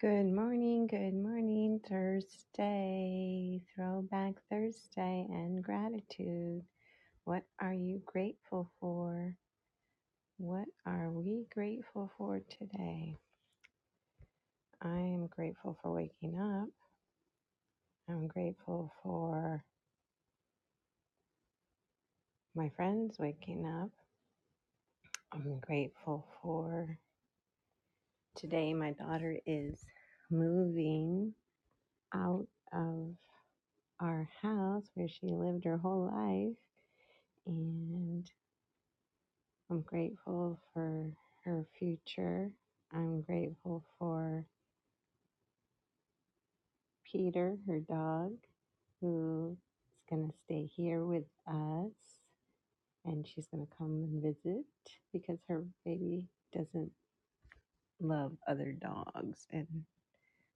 Good morning, good morning, Thursday, Throwback Thursday, and gratitude. What are you grateful for? What are we grateful for today? I am grateful for waking up. I'm grateful for my friends waking up. I'm grateful for today. My daughter is moving out of our house where she lived her whole life. And I'm grateful for her future. I'm grateful for Peter, her dog, who is going to stay here with us and she's going to come and visit because her baby doesn't love other dogs and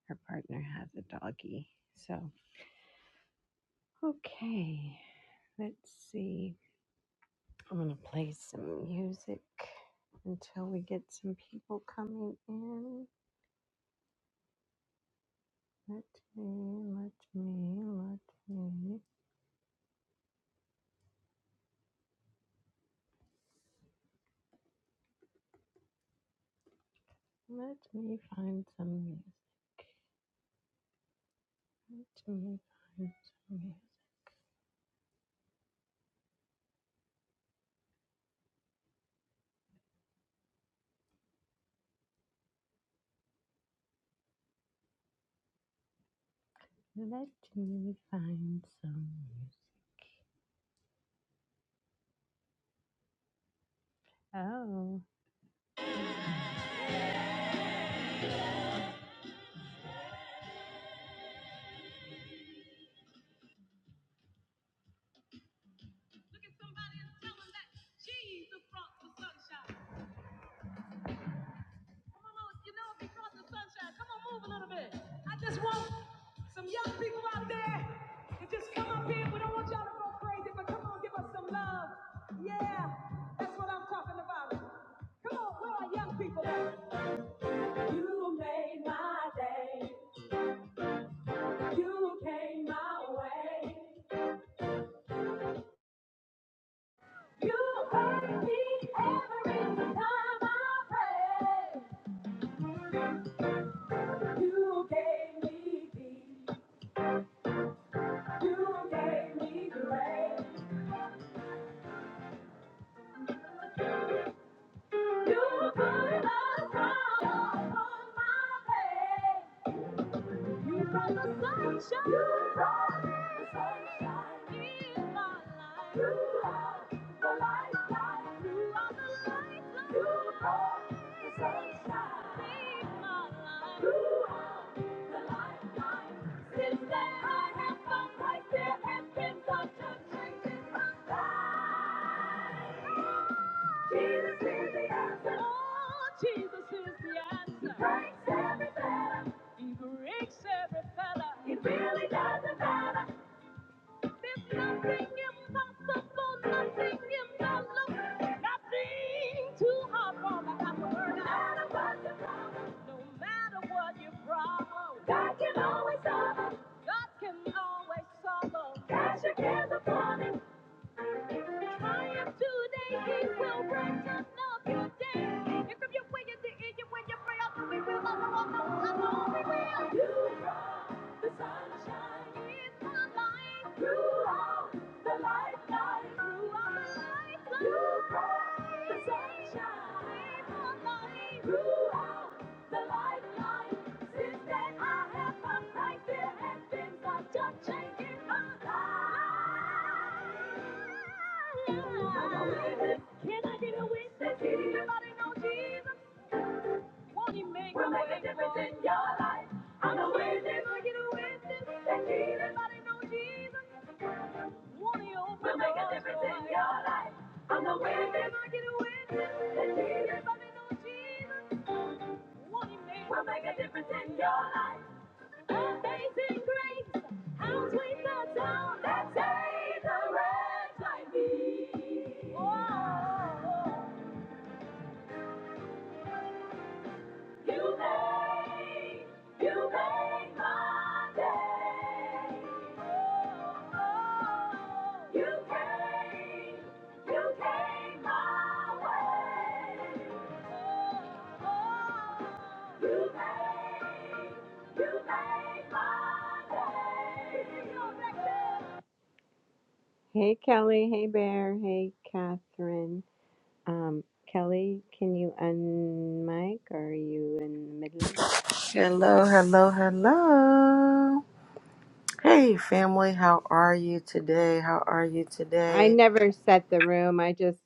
her partner has a doggy. So, okay, let's see. I'm going to play some music until we get some people coming in. Let me, let me, let me, let me find some music. Let me find some music. Let me find some music. Oh. Look at somebody and tell them that Jesus brought the sunshine. you know, because the sunshine, come on, move a little bit. I just want some young people out there to just come up here. We don't want y'all to go crazy, but come on, give us some love. Yeah, that's what I'm talking about. Come on, where are young people at? You made my day. You came my way. You heard me every time I prayed. You gave me peace. You gave me grace. Since then I have found right there has been such a change in my life. Jesus is the answer. Oh, Jesus is the answer. He breaks every fetter. He breaks every fetter. It really doesn't matter. There's nothing impossible, nothing impossible, nothing too hard for the hammer. No matter what the no matter what your problem, God can always solve it. God can always solve it. Cash again triumph Today, He will brighten up your Your day. And from your way into and we we're the You brought the Sunshine, live the light, throughout the lifeline, You brought the sunshine, light, lifeline. Since then I have come right there has been such a change in my life. Can I get a witness? Everybody know Jesus. Won't he make, a make a difference in your life? I'm a witness. Can I get a witness? Everybody know Jesus. Won't he open make a difference in your life? I'm a witness. Can I get a witness? Everybody know Jesus. Won't he make, a difference in your life? Amazing grace, how sweet the sound that saved a wretch like me. Oh, you made, you made my day. Oh, you came, you came my way. Oh, you made, you made my day. Hey Kelly, hey Bear, hey Catherine. Um, Kelly, can you unmic? Or are you in the middle? Hello, hello, hello. Hey, family, how are you today? How are you I today? never set the room. I just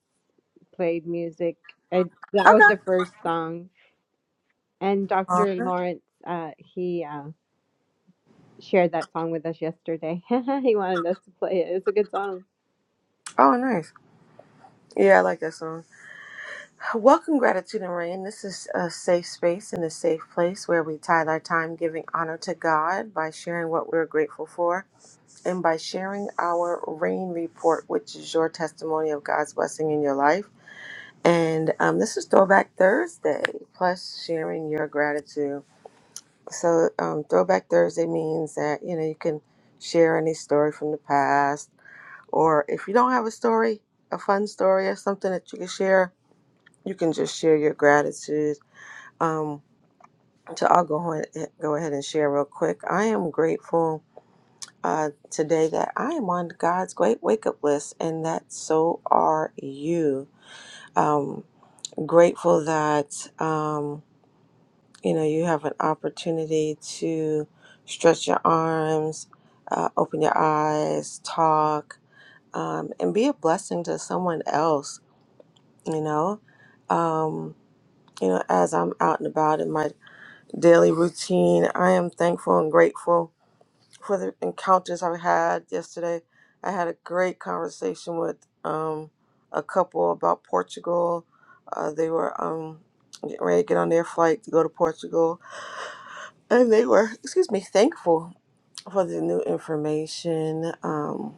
played music. I, that was the Okay. first song. And Uh, Dr. Lawrence, uh, he uh, shared that song with us yesterday. he wanted us to play it. It's a good song. Oh, nice. Yeah, I like that song. Welcome, Gratitude and Rain. This is a safe space and a safe place where we tithe our time giving honor to God by sharing what we're grateful for and by sharing our rain report, which is your testimony of God's blessing in your life. And um, this is Throwback Thursday, plus sharing your gratitude. So um, Throwback Thursday means that you know you can share any story from the past, or if you don't have a story, a fun story or something that you can share, you can just share your gratitude. Um, so I'll go ahead, go ahead and share real quick. I am grateful uh, today that I am on God's great wake up list, and that so are you. Um, grateful that. Um, you know you have an opportunity to stretch your arms uh, open your eyes talk um, and be a blessing to someone else you know um, you know as i'm out and about in my daily routine i am thankful and grateful for the encounters i've had yesterday i had a great conversation with um, a couple about portugal uh, they were um, getting ready to get on their flight to go to portugal And they were, excuse me, thankful for the new information. Um,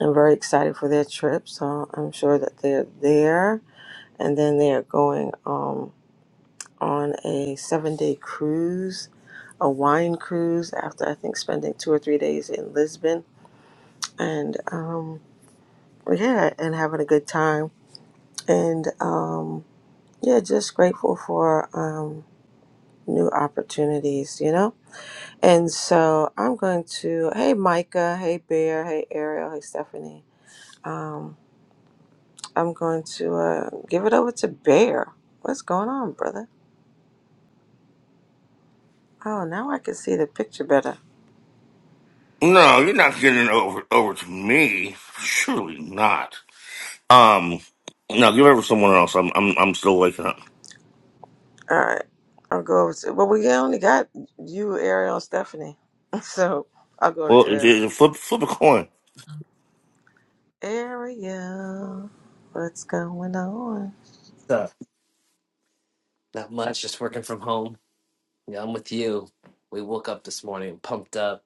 I'm very excited for their trip, so I'm sure that they're there. And then they are going um, on a seven day cruise, a wine cruise, after I think spending two or three days in Lisbon. And um, yeah, and having a good time. And um, yeah, just grateful for um, new opportunities, you know? And so I'm going to, hey Micah, hey Bear, hey Ariel, hey Stephanie. Um, I'm going to uh, give it over to Bear. What's going on, brother? Oh, now I can see the picture better. No, you're not getting it over over to me. Surely not. Um, no, give it over to someone else. I'm I'm I'm still waking up. All right, I'll go over to, well, we only got you, Ariel, and Stephanie. So I'll go to Well, it- Ariel. it- flip flip a coin. Ariel, what's going on? So not much, just working from home. Yeah, I'm with you. We woke up this morning, pumped up,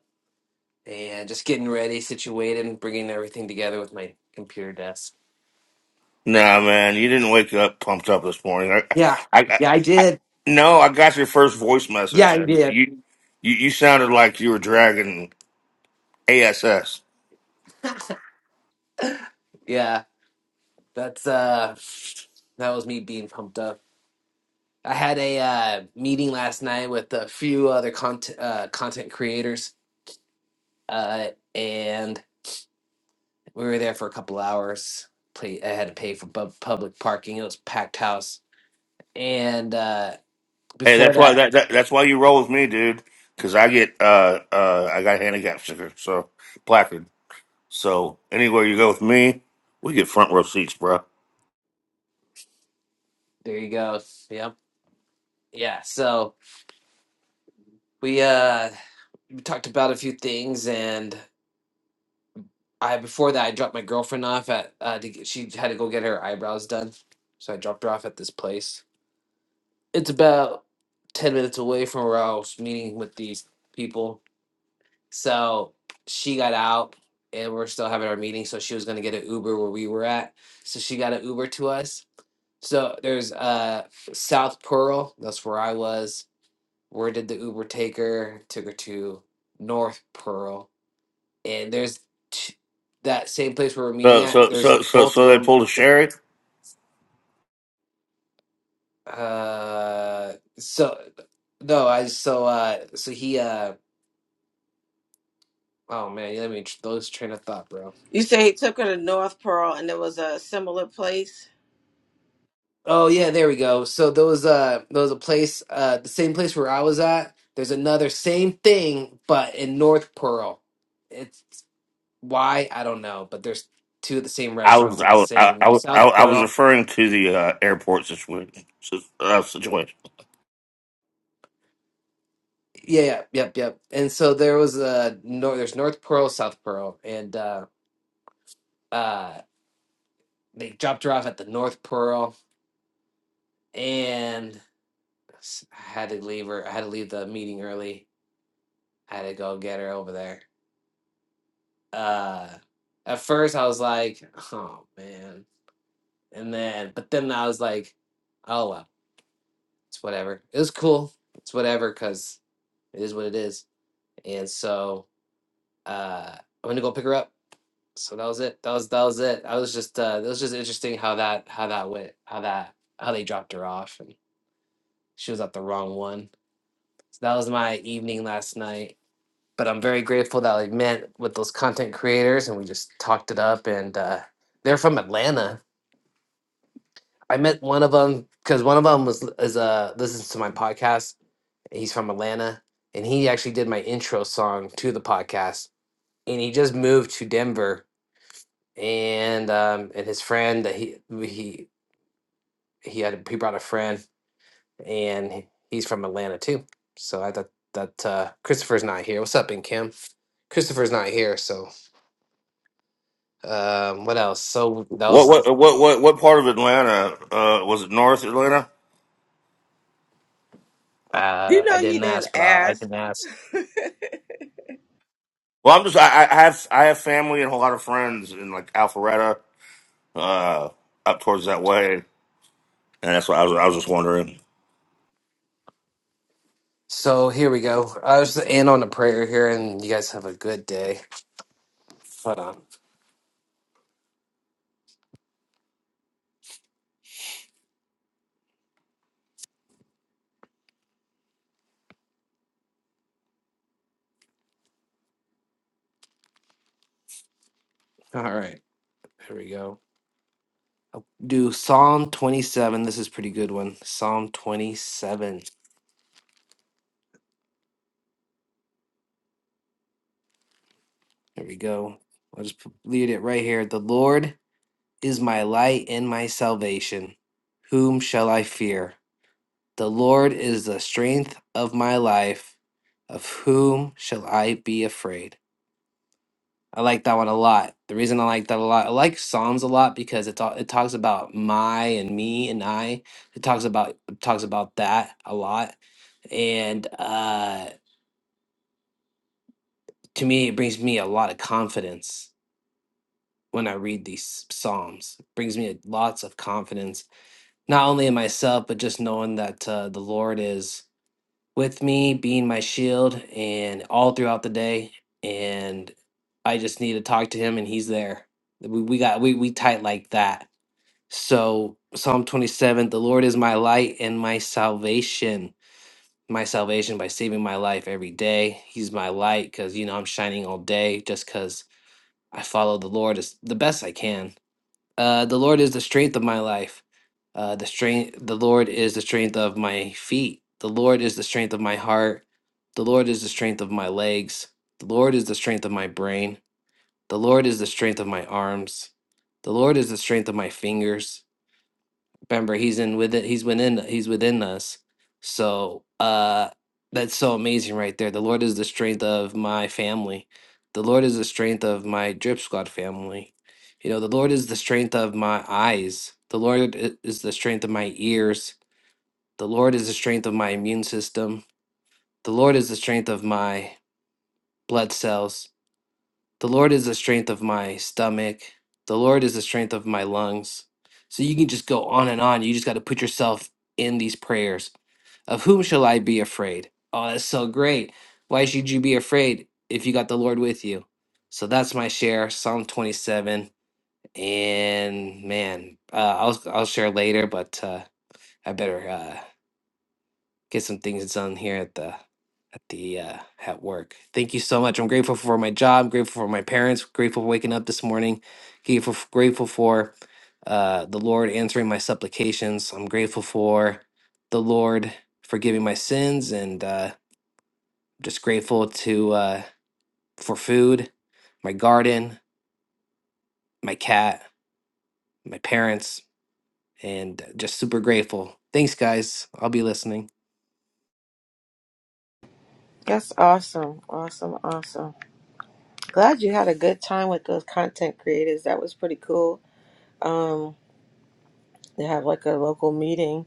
and just getting ready, situated, and bringing everything together with my computer desk. Nah, man, you didn't wake up pumped up this morning. I, Yeah, I, I, yeah, I I did. no, I got your first voice Yeah, message, I and did. you you you sounded like you were dragging ass. Yeah, that's uh, that was me being pumped up. I had a uh, meeting last night with a few other content uh, content creators, uh, and we were there for a couple hours. Play, I had to pay for bu- public parking. It was packed house, and. Uh, Hey, before that's why that that, that that's why you roll with me, dude. Because I get uh uh I got handicap sticker, so placard. So anywhere you go with me, we get front row seats, bro. there you go yep yeah so we uh we talked about a few things and i before that i dropped my girlfriend off at uh to, get- she had to go get her eyebrows done so i dropped her off at this place it's about 10 minutes away from where i was meeting with these people so she got out and we're still having our meeting so she was going to get an uber where we were at so she got an uber to us so there's uh south pearl that's where i was Where did the Uber take her? Took her to North Pearl, and there's t- that same place where we're meeting So at. so There's so so both of so they them. pulled a sherry. Uh, so no, I so uh so he uh oh man, you let me tr- those train of thought, bro. You say he took her to North Pearl and it was a similar place? Oh yeah, there we go. So there was uh there was a place uh the same place where I was at. There's another same thing, but in North Pearl. It's why I don't know, but there's two of the same I was restaurants at I the was I, same I in was I South I was Pearl. referring to the uh, airport situation. Uh, situation. Yeah, yeah, yep, yep. And so there was a nor there's North Pearl, South Pearl, and uh uh they dropped her off at the North Pearl and s- I had to leave her I had to leave the meeting early. I had to go get her over there. Uh at first I was like, oh man. And then but then I was like, oh well, it's whatever. It was cool. It's whatever because it is what it is. And so uh I'm gonna go pick her up so that was it. That was that was it. I was just uh that was just interesting how that how that went, how that how they dropped her off and she was at the wrong one. So that was my evening last night. But I'm very grateful that I met with those content creators and we just talked it up and uh they're from Atlanta. I met one of them because one of them was is uh listens to my podcast. and He's from Atlanta and he actually did my intro song to the podcast and he just moved to Denver and um and his friend that he he he had he brought a friend, and he- he's from Atlanta too. So I thought that uh, Christopher's not here. What's up, in Kim? Christopher's not here. So um, what else? So that What was what what what what part of Atlanta uh, was it? North Atlanta. You uh, know, I you didn't didn't ask, but i I ask. can ask. Well, I'm just I, I have I have family and a lot of friends in like Alpharetta, uh, up towards that way, and that's why I was I was just wondering. So here we go. I was in on the prayer here, and you guys have a good day. Hold on. All right, here we go. Do Psalm twenty-seven. This is a pretty good one. Psalm twenty-seven. Here we go. I'll just put- leave it right here. The Lord. is my light and my salvation. Whom shall I fear? The Lord is the strength of my life. Of whom shall I be afraid? I like that one a lot. The reason I like that a lot, I like Psalms a lot because it's all, it talks about my and me and I. It talks about it talks about that a lot, and uh, to me, it brings me a lot of confidence when I read these Psalms. It brings me lots of confidence not only in myself, but just knowing that uh, the Lord is with me, being my shield, and all throughout the day. And I just need to talk to Him, and He's there. We, we got we we tight like that. So Psalm twenty seven: The Lord is my light and my salvation. My salvation by saving my life every day. He's my light because you know I'm shining all day just because I follow the Lord as the best I can uh, the Lord is the strength of my life. Uh, the strength, the Lord is the strength of my feet. The Lord is the strength of my heart. The Lord is the strength of my legs. The Lord is the strength of my brain. The Lord is the strength of my arms. The Lord is the strength of my fingers. Remember, he's in with it. He's within. He's within us. So uh, that's so amazing right there. The Lord is the strength of my family. The Lord is the strength of my drip squad family. You know, the Lord is the strength of my eyes. The Lord i- is the strength of my ears. The Lord is the strength of my immune system. The Lord is the strength of my blood cells the Lord is the strength of my stomach. The Lord is the strength of my lungs. So you can just go on and on. You just got to put yourself in these prayers. Of whom shall I be afraid? Oh, that's so great. Why should you be afraid if you got the Lord with you? So that's my share, Psalm 27. And man, uh, I'll I'll share later, but uh, I better. uh, get some things done here at the at the uh, at work. Thank you so much. I'm grateful for my job. Grateful for my parents. Grateful for waking up this morning. Grateful grateful for uh, the Lord answering my supplications. I'm grateful for the Lord forgiving my sins and uh, just grateful to uh, for food, my garden, my cat, my parents, and just super grateful. Thanks, guys. I'll be listening. That's awesome, awesome, awesome. Glad you had a good time with those content creators. That was pretty cool. Um, they have like a local meeting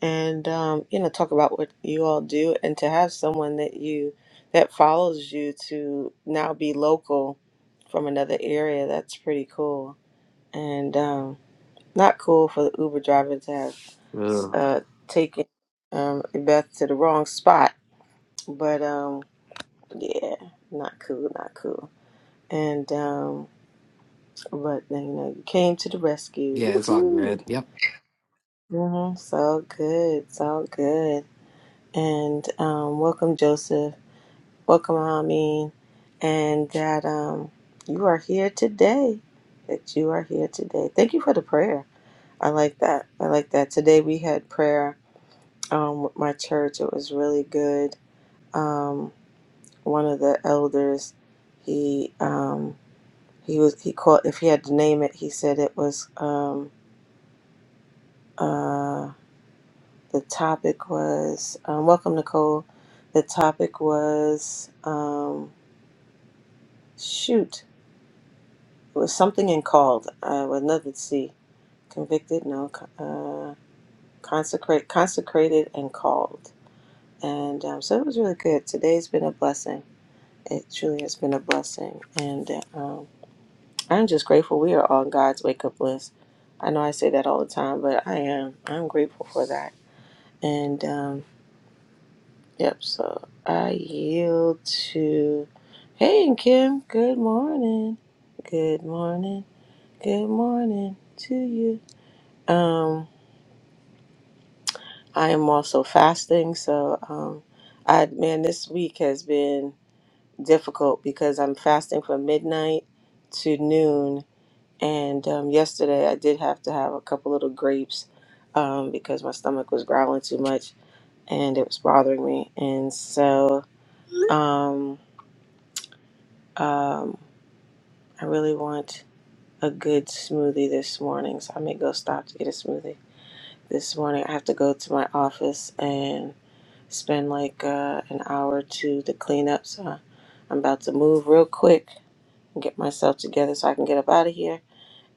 and um, you know talk about what you all do, and to have someone that you that follows you to now be local from another area. That's pretty cool, and um, not cool for the Uber driver to have uh, taken um, Beth to the wrong spot. But um, yeah, not cool, not cool, and. Um, But they you know, you came to the rescue. Yeah, it's all Woohoo! good. Yep. Mm-hmm. So good, so good. And um, welcome, Joseph. Welcome, Amin. And that um, you are here today. That you are here today. Thank you for the prayer. I like that. I like that. Today we had prayer um, with my church. It was really good. Um, one of the elders, he um, he was he called. If he had to name it, he said it was. Um, uh, The topic was um, welcome, Nicole. The topic was um, shoot. It was something in called. Uh, another see. Convicted, no. co- Uh, consecrate, consecrated, and called. And um, so it was really good. Today's been a blessing. It truly has been a blessing, and uh, um, I'm just grateful we are on God's wake up list. I know I say that all the time, but I am. I'm grateful for that. And um, Yep, so I yield to. Hey, and Kim, good morning. Good morning. Good morning to you. Um, I am also fasting, so um, I man, this week has been difficult because I'm fasting from midnight to noon, and um, yesterday I did have to have a couple little grapes um, because my stomach was growling too much and it was bothering me, and so um, um, I really want a good smoothie this morning, so I may go stop to get a smoothie. This morning, I have to go to my office and spend like uh, an hour or two to clean up. So I- I'm about to move real quick and get myself together so I can get up out of here.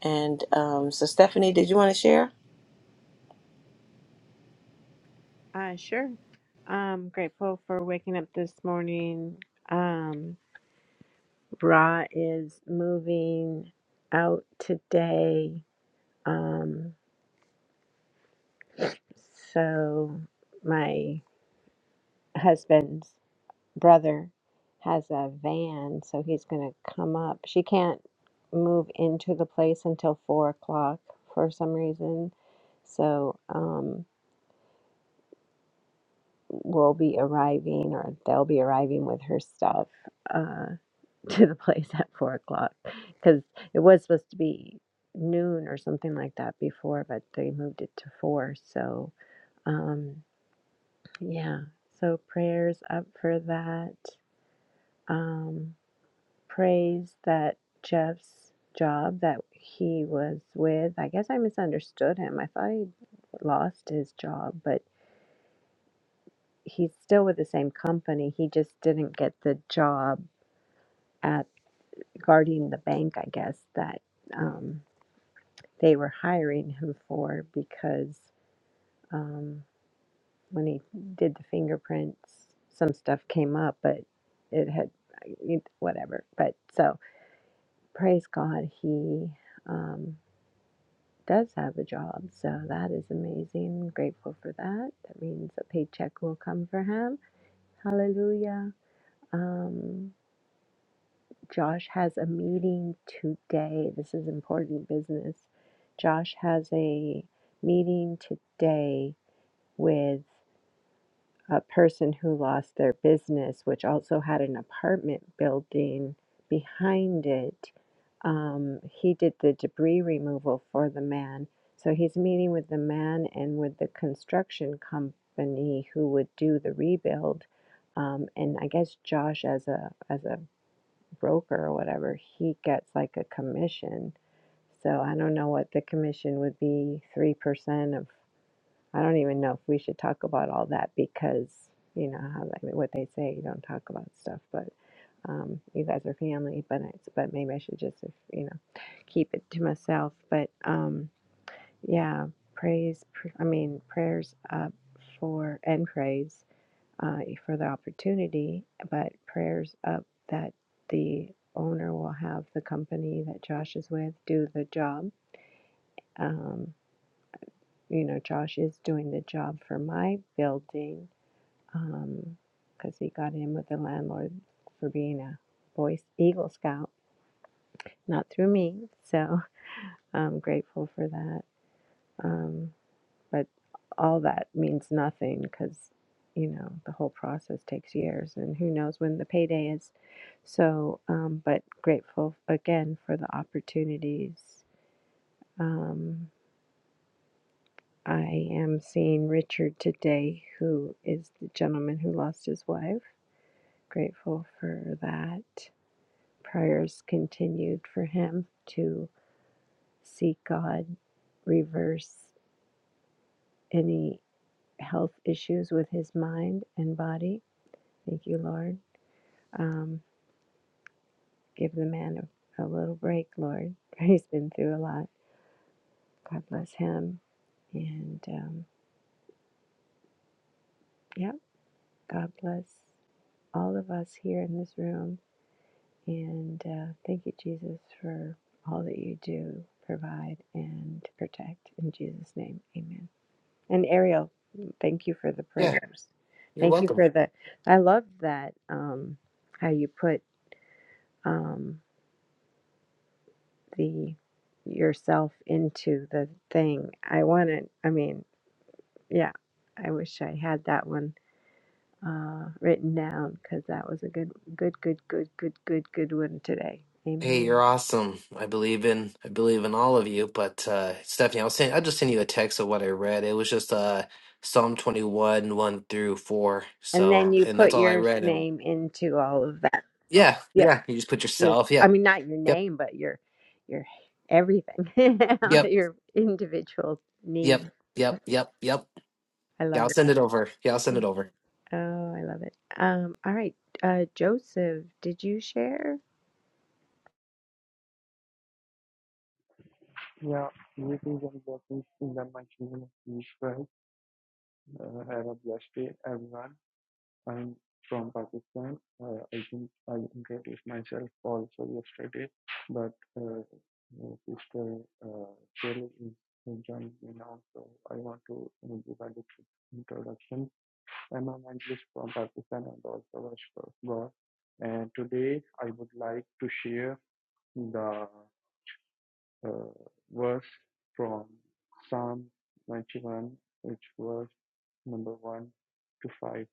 And um, so, Stephanie, did you want to share? Uh, sure. I'm grateful for waking up this morning. Um, Ra is moving out today Um, so my husband's brother has a van, so he's going to come up. She can't move into the place until four o'clock for some reason. So um, we'll be arriving, or they'll be arriving with her stuff uh, to the place at four o'clock because it was supposed to be noon or something like that before, but they moved it to four. So. Um, Yeah. So prayers up for that. Um, praise that Jeff's job that he was with. I guess I misunderstood him. I thought he lost his job, but he's still with the same company. He just didn't get the job at guarding the bank, I guess, that um, they were hiring him for because. Um, when he did the fingerprints, some stuff came up, but it had I- whatever. But so praise God, he um, does have a job. So that is amazing. Grateful for that. That means a paycheck will come for him. Hallelujah. Um, Josh has a meeting today. This is important business. Josh has a meeting today with a person who lost their business, which also had an apartment building behind it. Um, he did the debris removal for the man. So he's meeting with the man and with the construction company who would do the rebuild. Um, and I guess Josh, as a as a broker or whatever, he gets like a commission. So I don't know what the commission would be, 3% of I don't even know if we should talk about all that because you know how they, what they say you don't talk about stuff but um, you guys are family but I, but maybe I should just you know keep it to myself but um, yeah praise pr- I mean prayers up for and praise uh, for the opportunity but prayers up that the owner will have the company that Josh is with do the job um, you know Josh is doing the job for my building um, because he got in with the landlord for being a Boy Eagle Scout, not through me. So I'm grateful for that. Um, but all that means nothing because, you know, the whole process takes years and who knows when the payday is. So, um, but grateful again for the opportunities. Um, I am seeing Richard today, who is the gentleman who lost his wife. Grateful for that. prayers continued for him to seek God, reverse any health issues with his mind and body. Thank you, Lord. Um, give the man a, a little break, Lord. He's been through a lot. God bless him. And um, yeah, God bless all of us here in this room. And uh, thank you, Jesus, for all that you do, provide, and protect. In Jesus' name, amen. And Ariel, thank you for the Yeah. prayers. Thank you for the. I love that um, how you put um, the yourself into the thing. I want to. I mean, yeah. I wish I had that one uh, written down because that was a good, good, good, good, good, good, good one today. Hey, you're Amen. awesome. I believe in I believe in all of you. But uh, Stephanie, I was saying I just sent you a text of what I read. It was just uh, Psalm 21, 1 through 4. And then So, you and that's put all I your read. And name into all of that. yeah, Yep. yeah. You just put yourself. I Yeah. mean, not your Yep. name, but your your everything, Yep. your individual Yep. need. Yep. Yep, Yep. Yep. I Yeah, love I'll send that. it over. Yeah, I'll send it over. Oh, I love it. Um, all right, uh, Joseph, did you share? Yeah, you too and blessings in the mighty name of Jesus Christ. Uh, have a blessed day, everyone. I'm from Pakistan. Uh, I think I introduced myself also yesterday, but uh, uh, Sister uh, Shirley is uh, joining me now, so I want to uh, give a little introduction. I'm a mentalist from Pakistan and also worship of God. And today I would like to share the uh, verse from Psalm 91, which was number 1 to 5.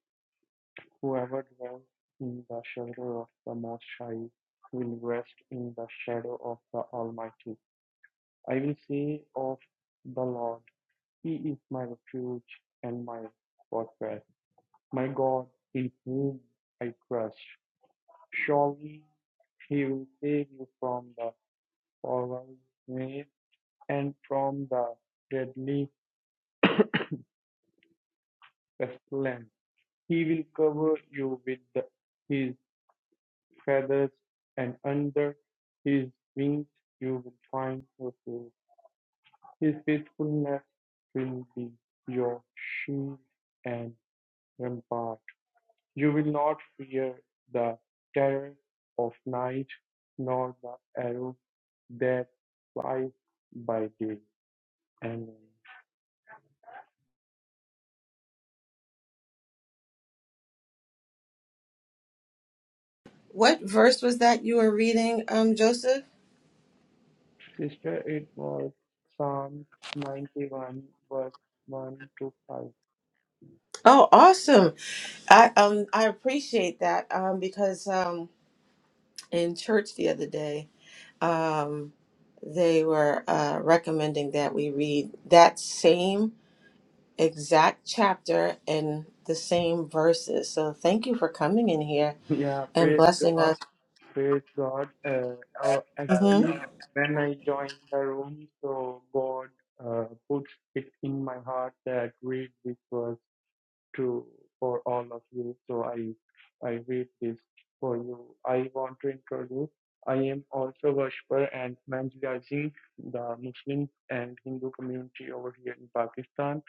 Whoever dwells in the shelter of the Most High will rest in the shadow of the Almighty. I will say of the Lord, He is my refuge and my fortress, my God in whom I trust. Surely He will save you from the foul's snare and from the deadly Castellan. He will cover you with the, his feathers, and under his wings you will find refuge. His faithfulness will be your shield and rampart. You will not fear the terror of night, nor the arrow that flies by day. Amen. What verse was that you were reading, um, Joseph? Sister, it was Psalm 91, verse 1 to 5. Oh, awesome! I um I appreciate that um because um in church the other day. um, they were uh, recommending that we read that same exact chapter and the same verses. So thank you for coming in here Yeah, and praise blessing God, us. praise God. Uh, oh, Mhm. actually, when I joined the room, so God uh, put it in my heart that read this verse to for all of you. So I I read this for you. I want to introduce. I am also worshiper and evangelizing the Muslim and Hindu community over here in Pakistan.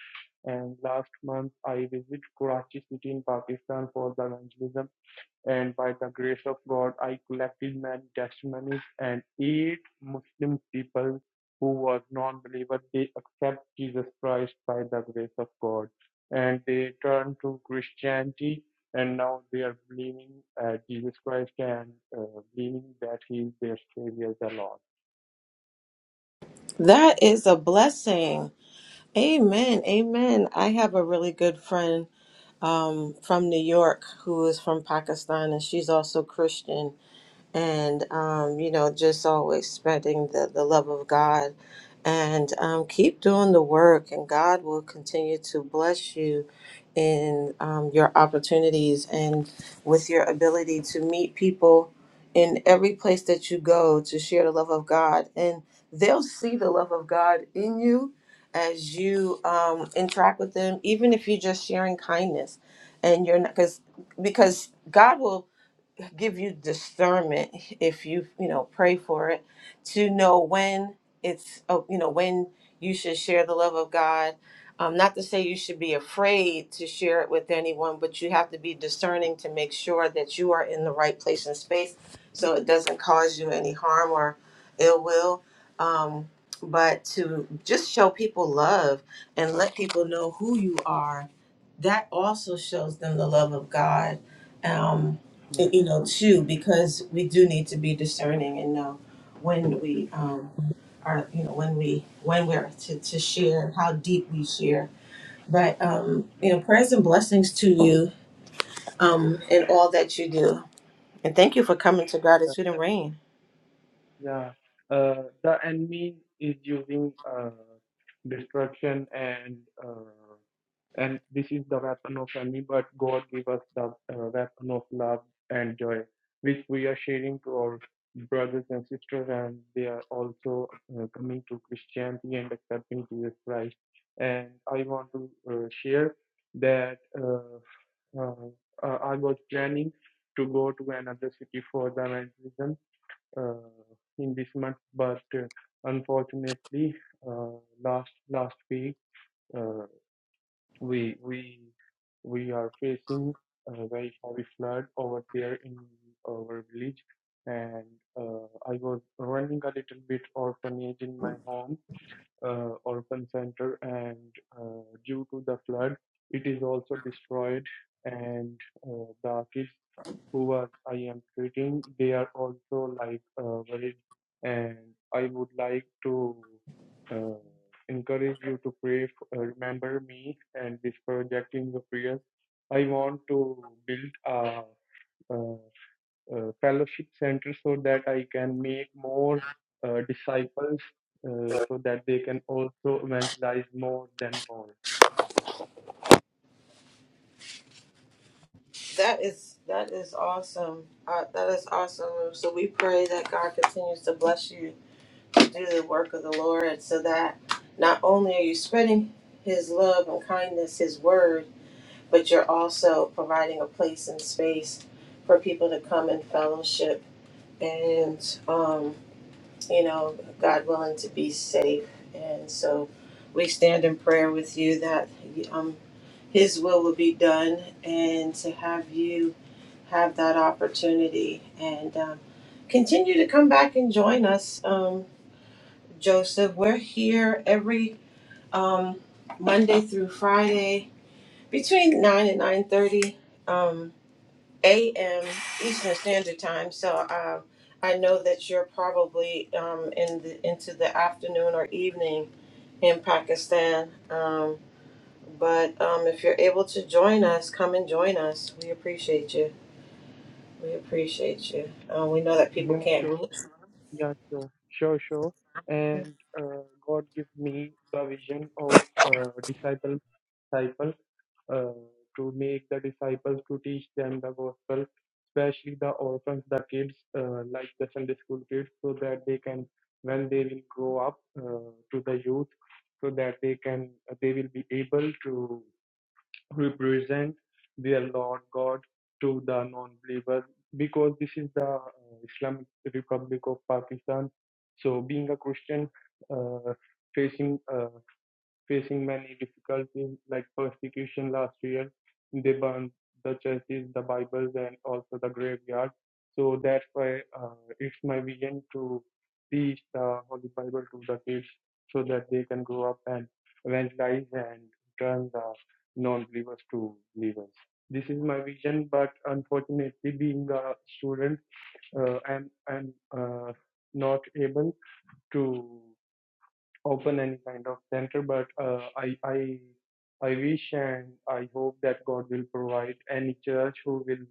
And last month, I visit Karachi city in Pakistan for the evangelism and by the grace of God, I collected many testimonies and eight Muslim people who were non-believers, they accept Jesus Christ by the grace of God. And they turn to Christianity and now they are believing uh, Jesus Christ and uh, believing that he is their savior, the Lord. That is a blessing. Amen. Amen. I have a really good friend um, from New York who is from Pakistan and she's also Christian and um, you know just always spreading the, the love of god and um, keep doing the work and god will continue to bless you in um, your opportunities and with your ability to meet people in every place that you go to share the love of god and they'll see the love of god in you as you um, interact with them even if you're just sharing kindness and you're not because because god will give you discernment if you you know pray for it to know when it's oh, you know when you should share the love of God. Um, not to say you should be afraid to share it with anyone, but you have to be discerning to make sure that you are in the right place and space, so it doesn't cause you any harm or ill will. Um, but to just show people love and let people know who you are, that also shows them the love of God. Um, Yes. you know, too, because we do need to be discerning and know when we um, are, you know, when we when we're to, to share, how deep we share. But um, you know, prayers and blessings to you um, in all that you do, and thank you for coming to Gratitude and Rain. Yeah, uh, the enemy is using uh, destruction and uh, and this is the weapon of enemy. But God gave us the uh, weapon of love and joy, which we are sharing to our brothers and sisters, and they are also uh, coming to Christianity and accepting Jesus Christ. And I want to uh, share that uh, uh, uh, I was planning to go to another city for the evangelism uh, in this month, but uh, unfortunately, uh, last last week uh, we we we are facing a very heavy flood over there in our village, and uh, I was running a little bit orphanage in my home, uh, orphan center, and uh, due to the flood, it is also destroyed, and uh, the kids who are I am treating, they are also like uh, worried, and I would like to uh, encourage you to pray. f- Uh, remember me and this project in your prayers. I want to build a, a, a fellowship center so that I can make more uh, disciples, uh, so that they can also evangelize more than more. That is that is awesome. Uh, that is awesome. So we pray that God continues to bless you, do the work of the Lord, so that not only are you spreading His love and kindness, His word but you're also providing a place and space for people to come and fellowship and um, you know god willing to be safe and so we stand in prayer with you that um, his will will be done and to have you have that opportunity and um, continue to come back and join us um, joseph we're here every um, monday through friday between 9 and 9.30 a.m. Eastern Standard Time. So um, I know that you're probably um, in the, into the afternoon or evening in Pakistan. Um, but um, if you're able to join us, come and join us. We appreciate you. We appreciate you. Um, we know that people Yeah, can't. sure. Yeah, sure, sure, sure. And uh, God give me the vision of uh, disciple, disciple uh, to make the disciples to teach them the gospel, especially the orphans, the kids, uh, like the Sunday school kids, so that they can, when they will grow up uh, to the youth, so that they can, they will be able to Represent present their Lord God to the non-believers because this is the uh, Islamic Republic of Pakistan. So, being a Christian, uh, facing uh, Facing many difficulties like persecution last year, they burned the churches, the Bibles, and also the graveyard. So that's why uh, it's my vision to teach the Holy Bible to the kids so that they can grow up and evangelize and turn the non-believers to believers. This is my vision, but unfortunately, being a student, uh, I'm I'm uh, not able to open any kind of center but uh, i i i wish and i hope that god will provide any church who will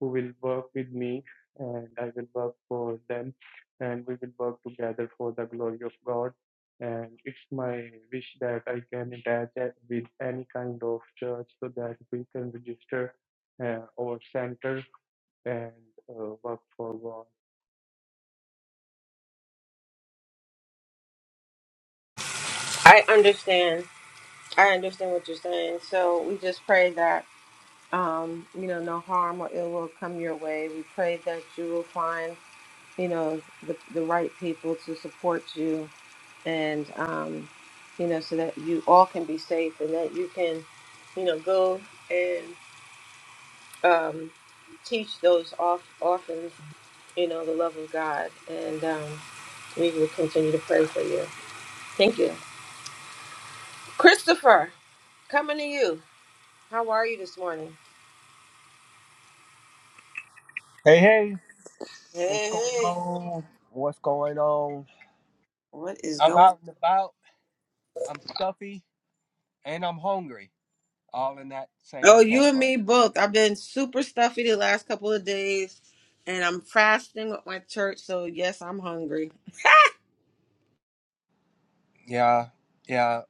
who will work with me and i will work for them and we will work together for the glory of god and it's my wish that i can attach with any kind of church so that we can register uh, our center and uh, work for god I understand. I understand what you're saying. So we just pray that um, you know no harm or ill will come your way. We pray that you will find you know the, the right people to support you and um, you know, so that you all can be safe and that you can, you know, go and um, teach those off orphans, you know, the love of God. And um, we will continue to pray for you. Thank you, Christopher. Coming to you. How are you this morning? Hey, hey, Hey, what's going hey. on? What's going on? What is I'm going? out and about. I'm stuffy and I'm hungry, all in that same Oh, you and category. me both. I've been super stuffy the last couple of days, and I'm fasting with my church. So yes, I'm hungry. Yeah, yeah,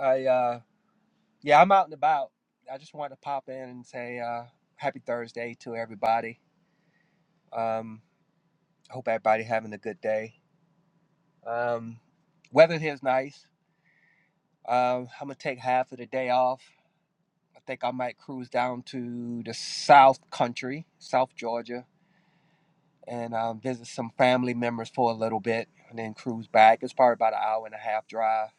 I, uh, yeah, I'm out and about. I just wanted to pop in and say, uh, happy Thursday to everybody. Um, hope everybody having a good day. Um, weather here's nice. Um, I'm gonna take half of the day off. I think I might cruise down to the South Country, South Georgia and um, visit some family members for a little bit and then cruise back. It's probably about an hour and a half drive.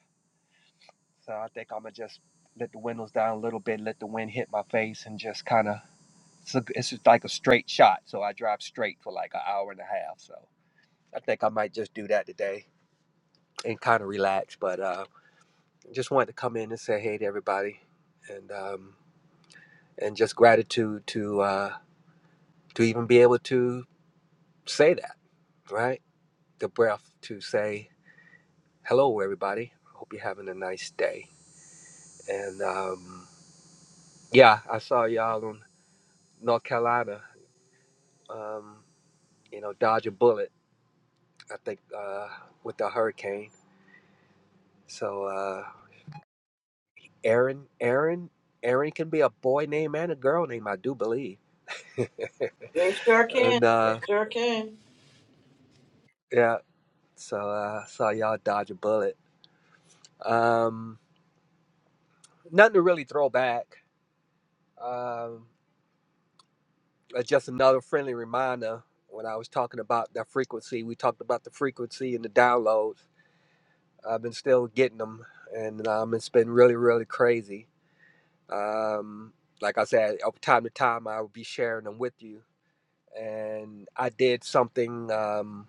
So I think I'm going to just let the windows down a little bit, let the wind hit my face, and just kind of. It's, a- it's just like a straight shot. So I drive straight for like an hour and a half. So I think I might just do that today and kind of relax. But uh, just wanted to come in and say hey to everybody and um, and just gratitude to uh, to even be able to say that, right? The breath to say. hello everybody hope you're having a nice day and um, yeah i saw y'all in north carolina um, you know dodge a bullet i think uh, with the hurricane so uh, aaron aaron aaron can be a boy name and a girl name i do believe and It sure can. It uh, sure can. yeah so uh, i saw y'all dodge a bullet um, nothing to really throw back Um, uh, just another friendly reminder when I was talking about that frequency, we talked about the frequency and the downloads. I've been still getting them, and um, it's been really, really crazy. Um, like I said, from time to time, I will be sharing them with you. And I did something um,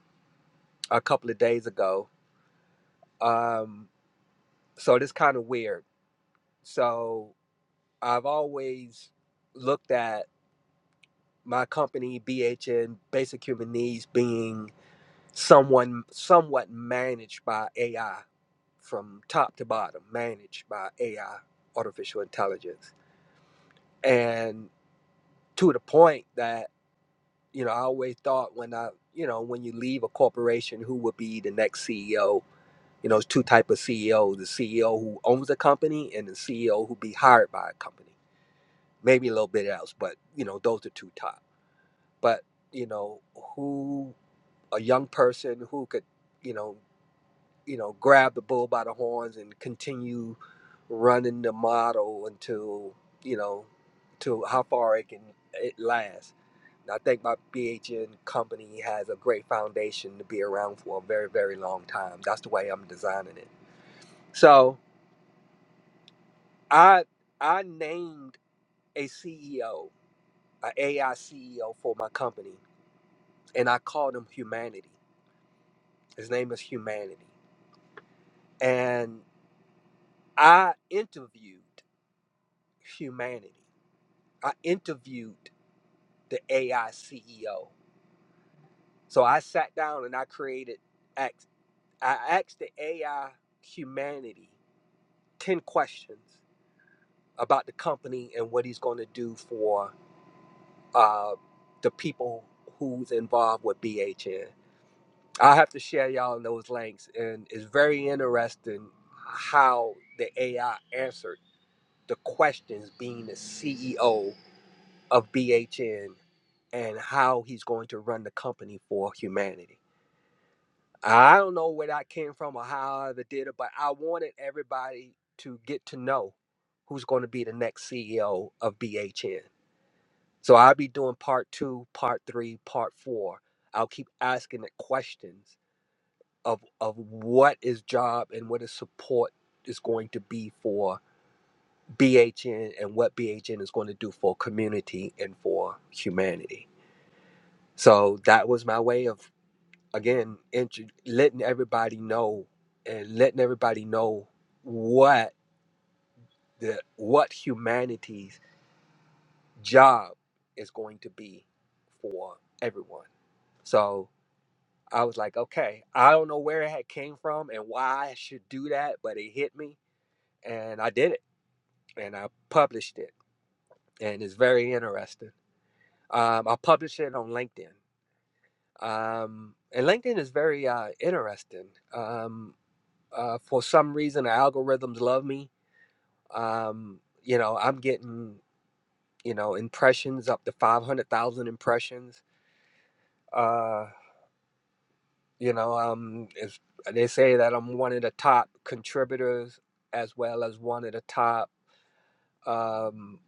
a couple of days ago. Um, so it's kind of weird. So I've always looked at my company, BHN Basic Human Needs, being someone somewhat managed by AI from top to bottom, managed by AI, artificial intelligence. And to the point that, you know, I always thought when I, you know, when you leave a corporation, who would be the next CEO? You know, there's two type of CEO, the CEO who owns a company and the CEO who be hired by a company. Maybe a little bit else, but you know, those are two top. But, you know, who a young person who could, you know, you know, grab the bull by the horns and continue running the model until, you know, to how far it can it lasts. And I think my BHN company has a great foundation to be around for a very, very long time. That's the way I'm designing it. So I I named a CEO, a AI CEO for my company, and I called him Humanity. His name is Humanity. And I interviewed Humanity I interviewed the AI CEO. So I sat down and I created, ax- I asked the AI humanity 10 questions about the company and what he's going to do for uh, the people who's involved with BHN. I'll have to share y'all those links. And it's very interesting how the AI answered the questions being the CEO of BHN and how he's going to run the company for humanity. I don't know where that came from or how I ever did it, but I wanted everybody to get to know who's going to be the next CEO of BHN. So I'll be doing part two, part three, part four. I'll keep asking the questions of of what his job and what his support is going to be for BHN and what BHN is going to do for community and for humanity. So that was my way of again intro, letting everybody know and letting everybody know what the what humanity's job is going to be for everyone so i was like okay i don't know where it had came from and why i should do that but it hit me and i did it and i published it and it's very interesting um, i published it on linkedin um, and linkedin is very uh, interesting um, uh, for some reason the algorithms love me um, you know i'm getting you know impressions up to 500000 impressions uh, you know um, it's, they say that i'm one of the top contributors as well as one of the top um,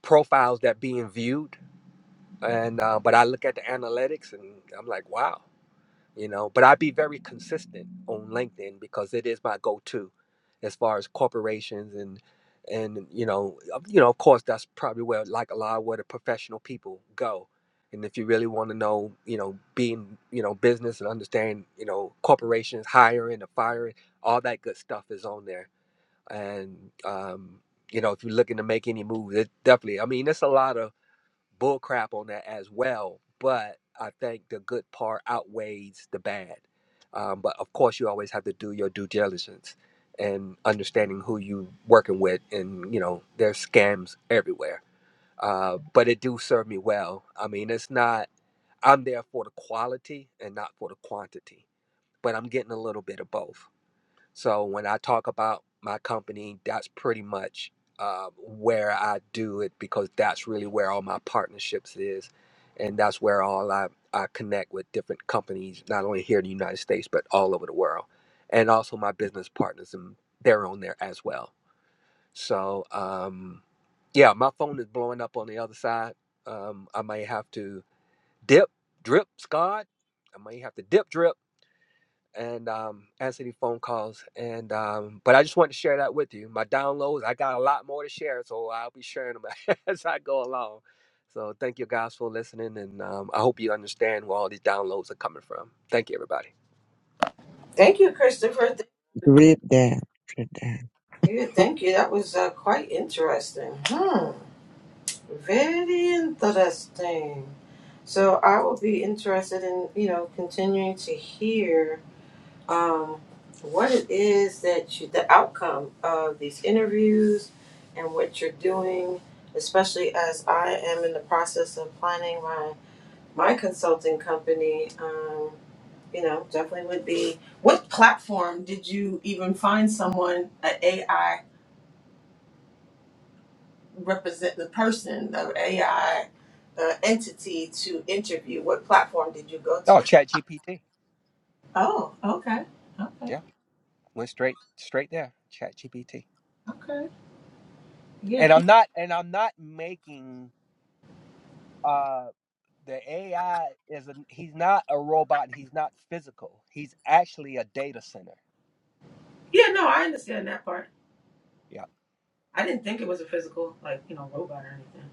profiles that being viewed and uh, but i look at the analytics and i'm like wow you know but i be very consistent on linkedin because it is my go-to as far as corporations and and you know of- you know of course that's probably where like a lot of where the professional people go and if you really want to know you know being you know business and understand you know corporations hiring and firing all that good stuff is on there and um you know if you're looking to make any moves it definitely i mean it's a lot of bull crap on that as well. But I think the good part outweighs the bad. Um, but of course, you always have to do your due diligence and understanding who you working with. And you know, there's scams everywhere. Uh, but it do serve me well. I mean, it's not. I'm there for the quality and not for the quantity. But I'm getting a little bit of both. So when I talk about my company, that's pretty much uh, where I do it because that's really where all my partnerships is, and that's where all I I connect with different companies, not only here in the United States but all over the world, and also my business partners and they're on there as well. So um, yeah, my phone is blowing up on the other side. Um, I may have to dip, drip, Scott. I may have to dip, drip and um, answer any phone calls. And um, but I just wanted to share that with you. My downloads, I got a lot more to share, so I'll be sharing them as I go along. So thank you guys for listening, and um, I hope you understand where all these downloads are coming from. Thank you, everybody. Thank you, Christopher. Thank Read that. Read that. you. Thank you. That was uh, quite interesting. Hmm. Very interesting. So I will be interested in you know continuing to hear um, what it is that you, the outcome of these interviews and what you're doing, especially as I am in the process of planning my my consulting company. Um, you know, definitely would be. What platform did you even find someone an AI? represent the person, the AI uh, entity to interview? What platform did you go Oh, to? ChatGPT. Oh, okay, okay, Yeah, went straight straight there. ChatGPT. okay. Yeah, And keep. I'm not and I'm not making uh the AI is an, he's not a robot. He's not physical. He's actually a data center. Yeah, no, I understand that part. Yeah. I didn't think it was a physical, like you know, robot or anything.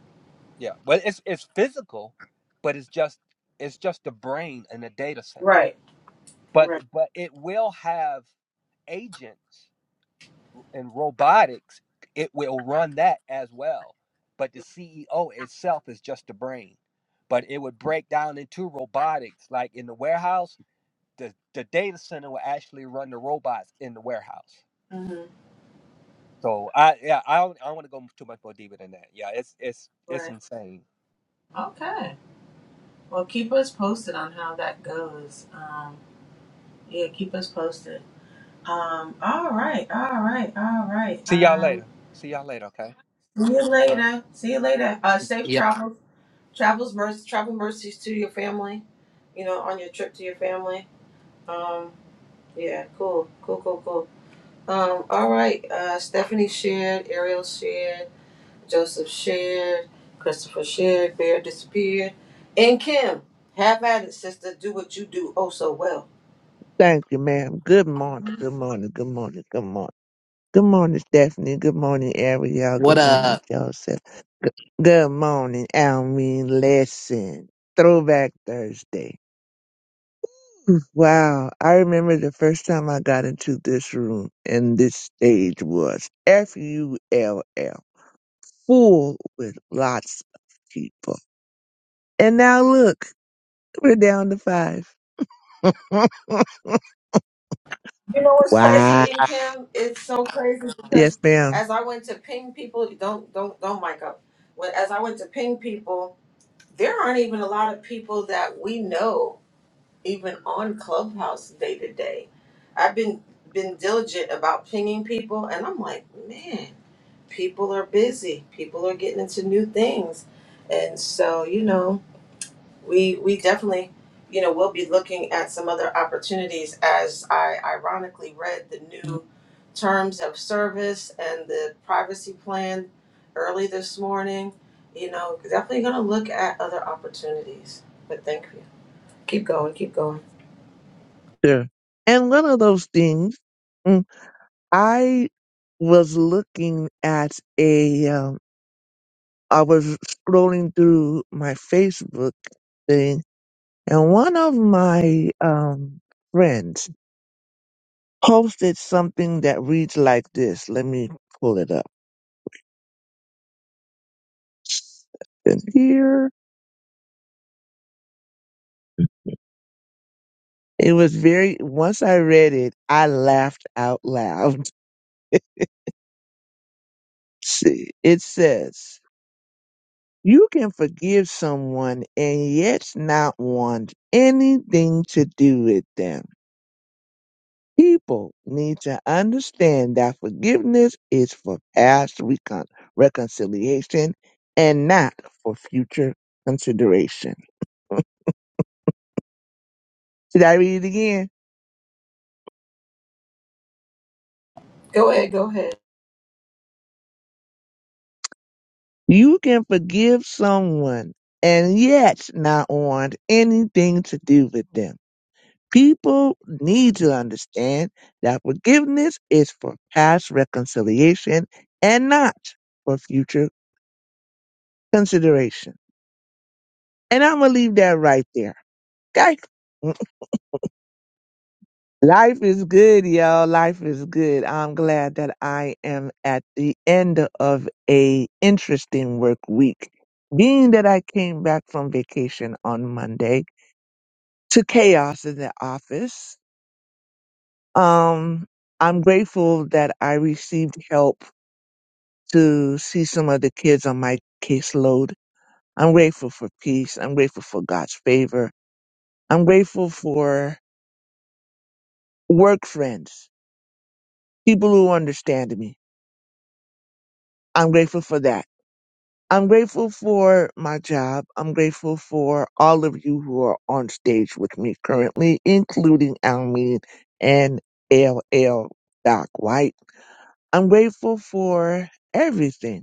Yeah, well, it's it's physical, but it's just it's just the brain and the data center. Right, But right, but it will have agents and robotics. It will run that as well. But the CEO itself is just the brain. But it would break down into robotics, like in the warehouse. The the data center will actually run the robots in the warehouse. hmm So I yeah I don't, I don't want to go too much more deeper than that. Yeah, it's it's it's right. insane. Okay. Well, keep us posted on how that goes. Um, yeah, keep us posted. Um, all right, all right, all right. See y'all Um, later. See y'all later. Okay. see you All right. later. See you later. Uh, safe Yep. travels. Travels mercy, travel mercies to your family. You know, on your trip to your family. Um, yeah, cool, cool, cool, cool. Um, all right. Uh, Stephanie shared, Ariel shared, Joseph shared, Christopher shared, Bear disappeared, and Kim. Have at it, sister. Do what you do oh so well. Thank you, ma'am. Good morning. Good morning. Good morning. Good morning. Good morning, Stephanie. Good morning, Ariel. What Good morning, up? Joseph. Good morning, Almeen. Lesson. Throwback Thursday. Wow. I remember the first time I got into this room and this stage was F-U-L-L. Full with lots of people. And now look, we're down to five. You know what's wow. crazy in Kim? It's so crazy because Yes, ma'am. as I went to ping people, don't don't don't mic up. When as I went to ping people, there aren't even a lot of people that we know even on Clubhouse day to day. I've been been diligent about pinging people, and I'm like, man, people are busy. People are getting into new things, and so you know, we we definitely, you know, we'll be looking at some other opportunities. As I ironically read the new terms of service and the privacy plan early this morning, you know, definitely going to look at other opportunities. But thank you. Keep going. Keep going. Sure. And one of those things, mm, I was looking at a, um, I was scrolling through my Facebook thing, and one of my um, friends posted something that reads like this. Let me pull it up. And here, it was very, once I read it, I laughed out loud. See, it says, You can forgive someone and yet not want anything to do with them. People need to understand that forgiveness is for past recon- reconciliation and not for future consideration. Did I read it again? Go ahead, go ahead. You can forgive someone and yet not want anything to do with them People need to understand that forgiveness is for past reconciliation and not for future consideration. And I'm going to leave that right there. Okay? Life is good, y'all. Life is good. I'm glad that I am at the end of a interesting work week. Being that I came back from vacation on Monday to chaos in the office, um, I'm grateful that I received help to see some of the kids on my caseload. I'm grateful for peace. I'm grateful for God's favor. I'm grateful for work friends, people who understand me. I'm grateful for that. I'm grateful for my job. I'm grateful for all of you who are on stage with me currently, including Almeen and L. L. Doc White. I'm grateful for everything.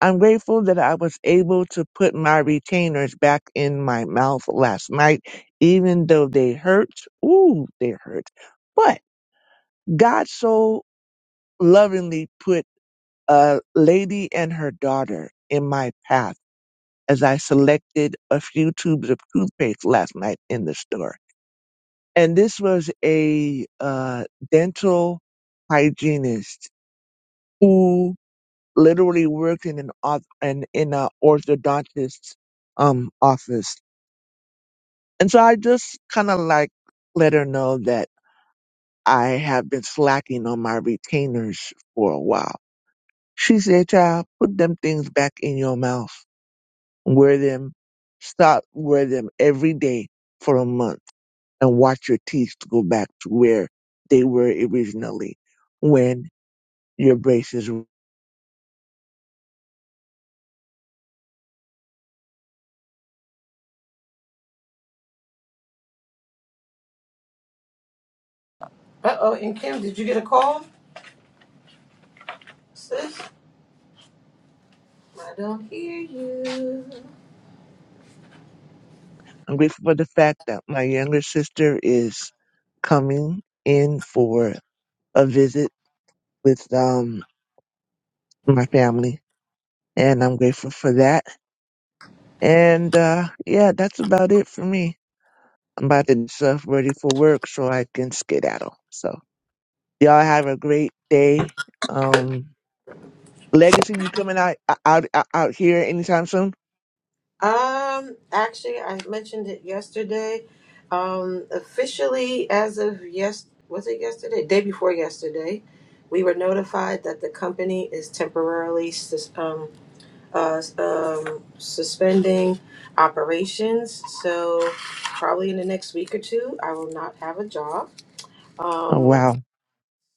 I'm grateful that I was able to put my retainers back in my mouth last night, even though they hurt. Ooh, they hurt. But God so lovingly put a lady and her daughter in my path as I selected a few tubes of toothpaste last night in the store. And this was a uh, dental hygienist who literally worked in an auth- and in a orthodontist's um office, and so I just kind of like let her know that I have been slacking on my retainers for a while. She said, "Child, put them things back in your mouth. Wear them. Stop wear them every day for a month, and watch your teeth go back to where they were originally when your braces." Uh oh, and Kim, did you get a call, sis? I don't hear you. I'm grateful for the fact that my younger sister is coming in for a visit with um my family, and I'm grateful for that. And uh yeah, that's about it for me. I'm about to get stuff ready for work so I can skedaddle. So y'all have a great day. Um, Legacy, you coming out out out, uh, out here anytime soon? Um, actually, I mentioned it yesterday. Um, officially, as of yes, was it yesterday? Day before yesterday, we were notified that the company is temporarily sus- um, uh, um, suspending operations. So, probably in the next week or two, I will not have a job. Oh Um, wow.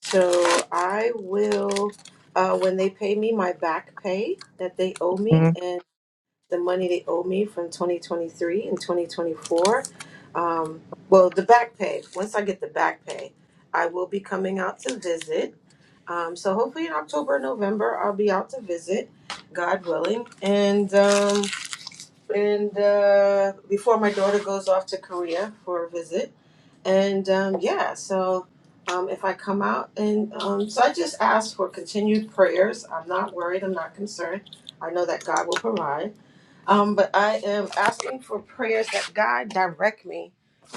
So I will, uh, when they pay me my back pay that they owe me Mm, and the money they owe me from 2023 and 2024, um, well, the back pay, once I get the back pay, I will be coming out to visit. Um, so hopefully in October, November, I'll be out to visit, God willing. And, um, and uh, before my daughter goes off to Korea for a visit. And um, yeah, so um, if I come out and um, so I just ask for continued prayers. I'm not worried. I'm not concerned. I know that God will provide. Um, but I am asking for prayers that God direct me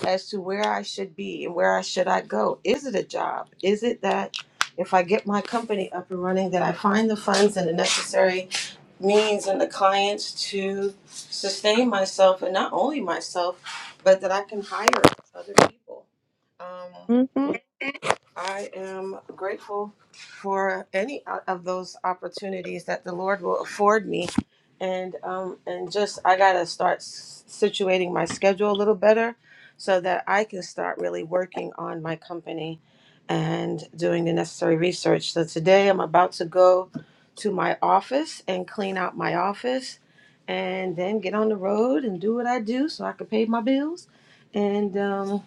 as to where I should be and where I should I go. Is it a job? Is it that if I get my company up and running, that I find the funds and the necessary means and the clients to sustain myself and not only myself, but that I can hire other people um, mm, you mm, know, I am grateful for any o- of those opportunities that the Lord will afford me, and um, and just I gotta start s- situating my schedule a little better, so that I can start really working on my company, and doing the necessary research. So today I'm about to go to my office and clean out my office, and then get on the road and do what I do so I can pay my bills, and. Um,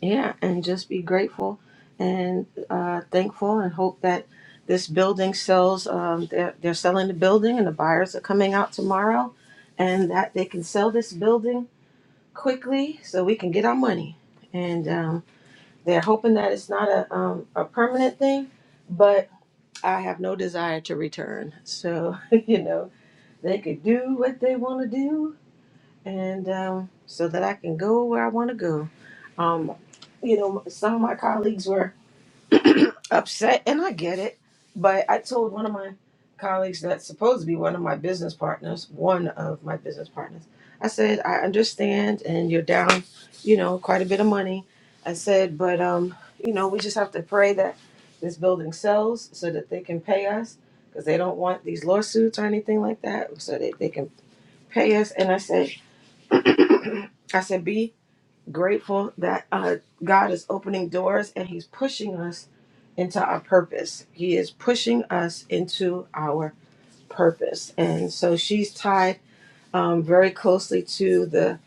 yeah, and just be grateful and uh, thankful, and hope that this building sells. Um, they're they're selling the building, and the buyers are coming out tomorrow, and that they can sell this building quickly so we can get our money. And um, they're hoping that it's not a um, a permanent thing, but I have no desire to return. So you know they could do what they want to do and um, so that I can go where I want to go. Um, you know, some of my colleagues were upset, and I get it. But I told one of my colleagues that's supposed to be one of my business partners, one of my business partners, I said, I understand, and you're down, you know, quite a bit of money. I said, but, um, you know, we just have to pray that this building sells so that they can pay us because they don't want these lawsuits or anything like that, so that they can pay us. And I said, I said, be grateful that uh, God is opening doors and He's pushing us into our purpose. He is pushing us into our purpose. And so she's tied um, very closely to the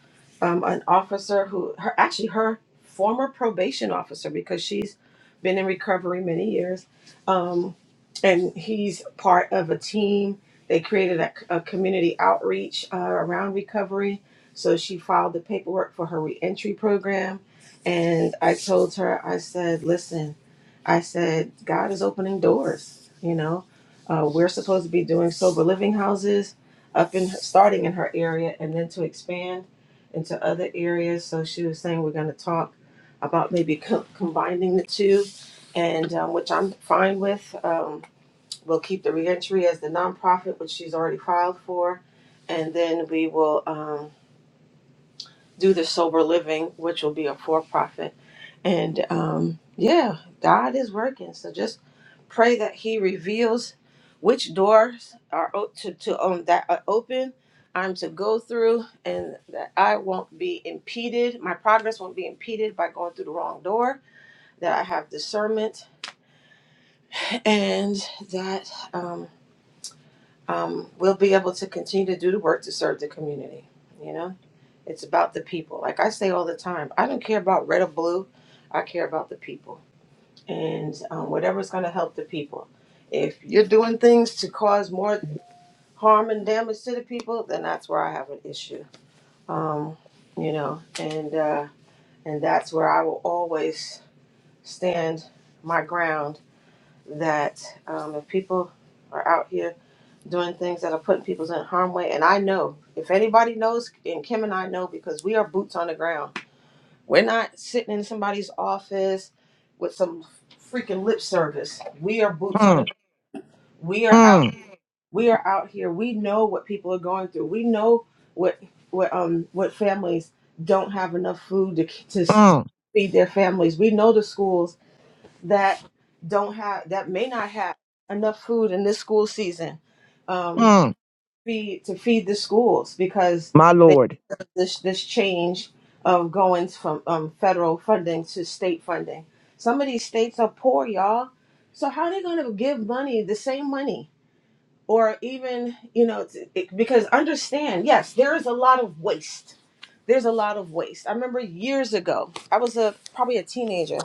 um, an officer who her actually her former probation officer because she's been in recovery many years um, and he's part of a team they created a, a community outreach uh, around recovery so she filed the paperwork for her reentry program and i told her i said listen i said god is opening doors you know uh, we're supposed to be doing sober living houses up in starting in her area and then to expand into other areas. So she was saying we're going to talk about maybe co- combining the two, and um, which I'm fine with. Um, we'll keep the reentry as the nonprofit, which she's already filed for, and then we will um, do the sober living, which will be a for-profit. And um, yeah, God is working. So just pray that He reveals which doors are o- to, to um, that are open. I'm to go through, and that I won't be impeded. My progress won't be impeded by going through the wrong door. That I have discernment, and that um, um, we'll be able to continue to do the work to serve the community. You know, it's about the people. Like I say all the time, I don't care about red or blue. I care about the people and um, whatever's going to help the people. If you're doing things to cause more harm and damage to the people, then that's where I have an issue. Um, you know, and uh, and that's where I will always stand my ground. That um, if people are out here doing things that are putting people in harm way, and I know if anybody knows, and Kim and I know because we are boots on the ground. We're not sitting in somebody's office with some freaking lip service. We are boots on the mm, we are out mm, we are out here we know what people are going through we know what what um what families don't have enough food to to mm, feed their families we know the schools that don't have that may not have enough food in this school season um mm. feed to feed the schools because My they lord. this this change of going from um federal funding to state funding some of these states are poor y'all so how are they going to give money the same money or even you know it's, it, because understand yes there is a lot of waste there's a lot of waste i remember years ago i was a probably a teenager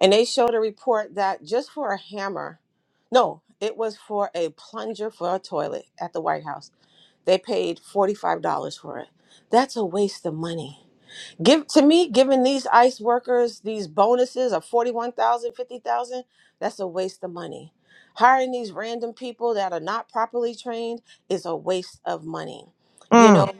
and they showed a report that just for a hammer no it was for a plunger for a toilet at the white house they paid $45 for it that's a waste of money Give to me, giving these ICE workers these bonuses of 41,000 50,000. that's a waste of money. Hiring these random people that are not properly trained is a waste of money. You Mm, know,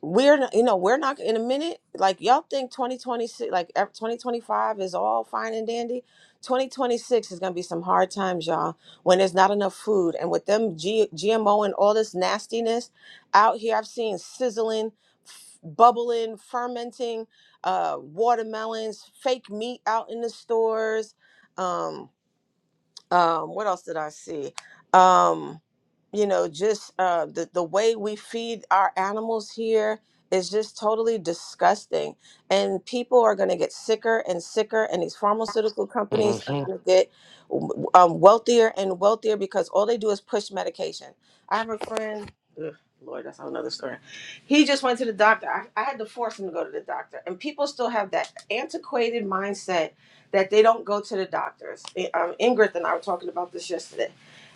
we're not- you know we're not in a minute like y'all think 2026 like ev- 2025 is all fine and dandy 2026 is going to be some hard times y'all when there's not enough food and with them G- gmo and all this nastiness out here i've seen sizzling f- bubbling fermenting uh watermelons fake meat out in the stores um, um what else did i see um you know just uh the, the way we feed our animals here is just totally disgusting and people are going to get sicker and sicker and these pharmaceutical companies are hmm going to get um, wealthier and wealthier because all they do is push medication i have a friend ugh, lord that's a whole nother story he just went to the doctor I, I had to force him to go to the doctor and people still have that antiquated mindset that they don't go to the doctors. I- Um, Ingrid and I were talking about this yesterday,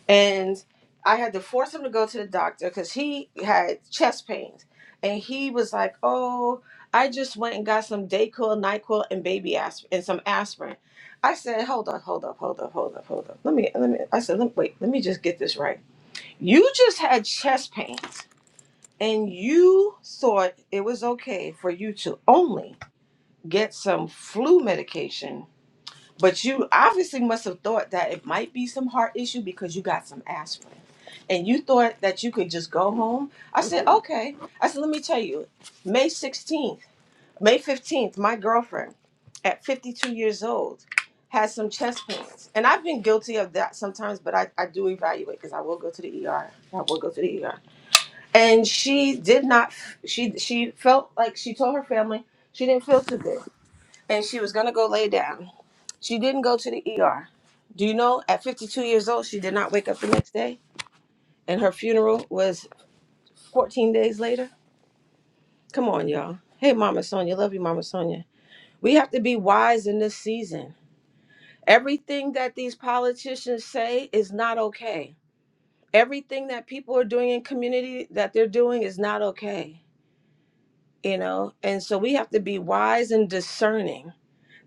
and I had to force him to go to the doctor because he had chest pains, and he was like, "Oh, I just went and got some Dayquil, Nyquil, and baby aspirin, and some aspirin." I said, "Hold up, hold up, hold up, hold up, hold up. Let me, let me." I said, let, "Wait, let me just get this right. You just had chest pains." And you thought it was okay for you to only get some flu medication but you obviously must have thought that it might be some heart issue because you got some aspirin. And you thought that you could just go home. I said, okay. I said, let me tell you, May 16th, May 15th, my girlfriend at 52 years old has some chest pains. And I've been guilty of that sometimes, but I, I do evaluate because I will go to the ER. I will go to the ER. And she did not, she, she felt like she told her family she didn't feel too good. And she was going to go lay down she didn't go to the ER. Do you know at 52 years old, she did not wake up the next day? And her funeral was 14 days later? Come on, y'all. Hey, Mama Sonia. Love you, Mama Sonia. We have to be wise in this season. Everything that these politicians say is not okay. Everything that people are doing in community that they're doing is not okay, you know? And so we have to be wise and discerning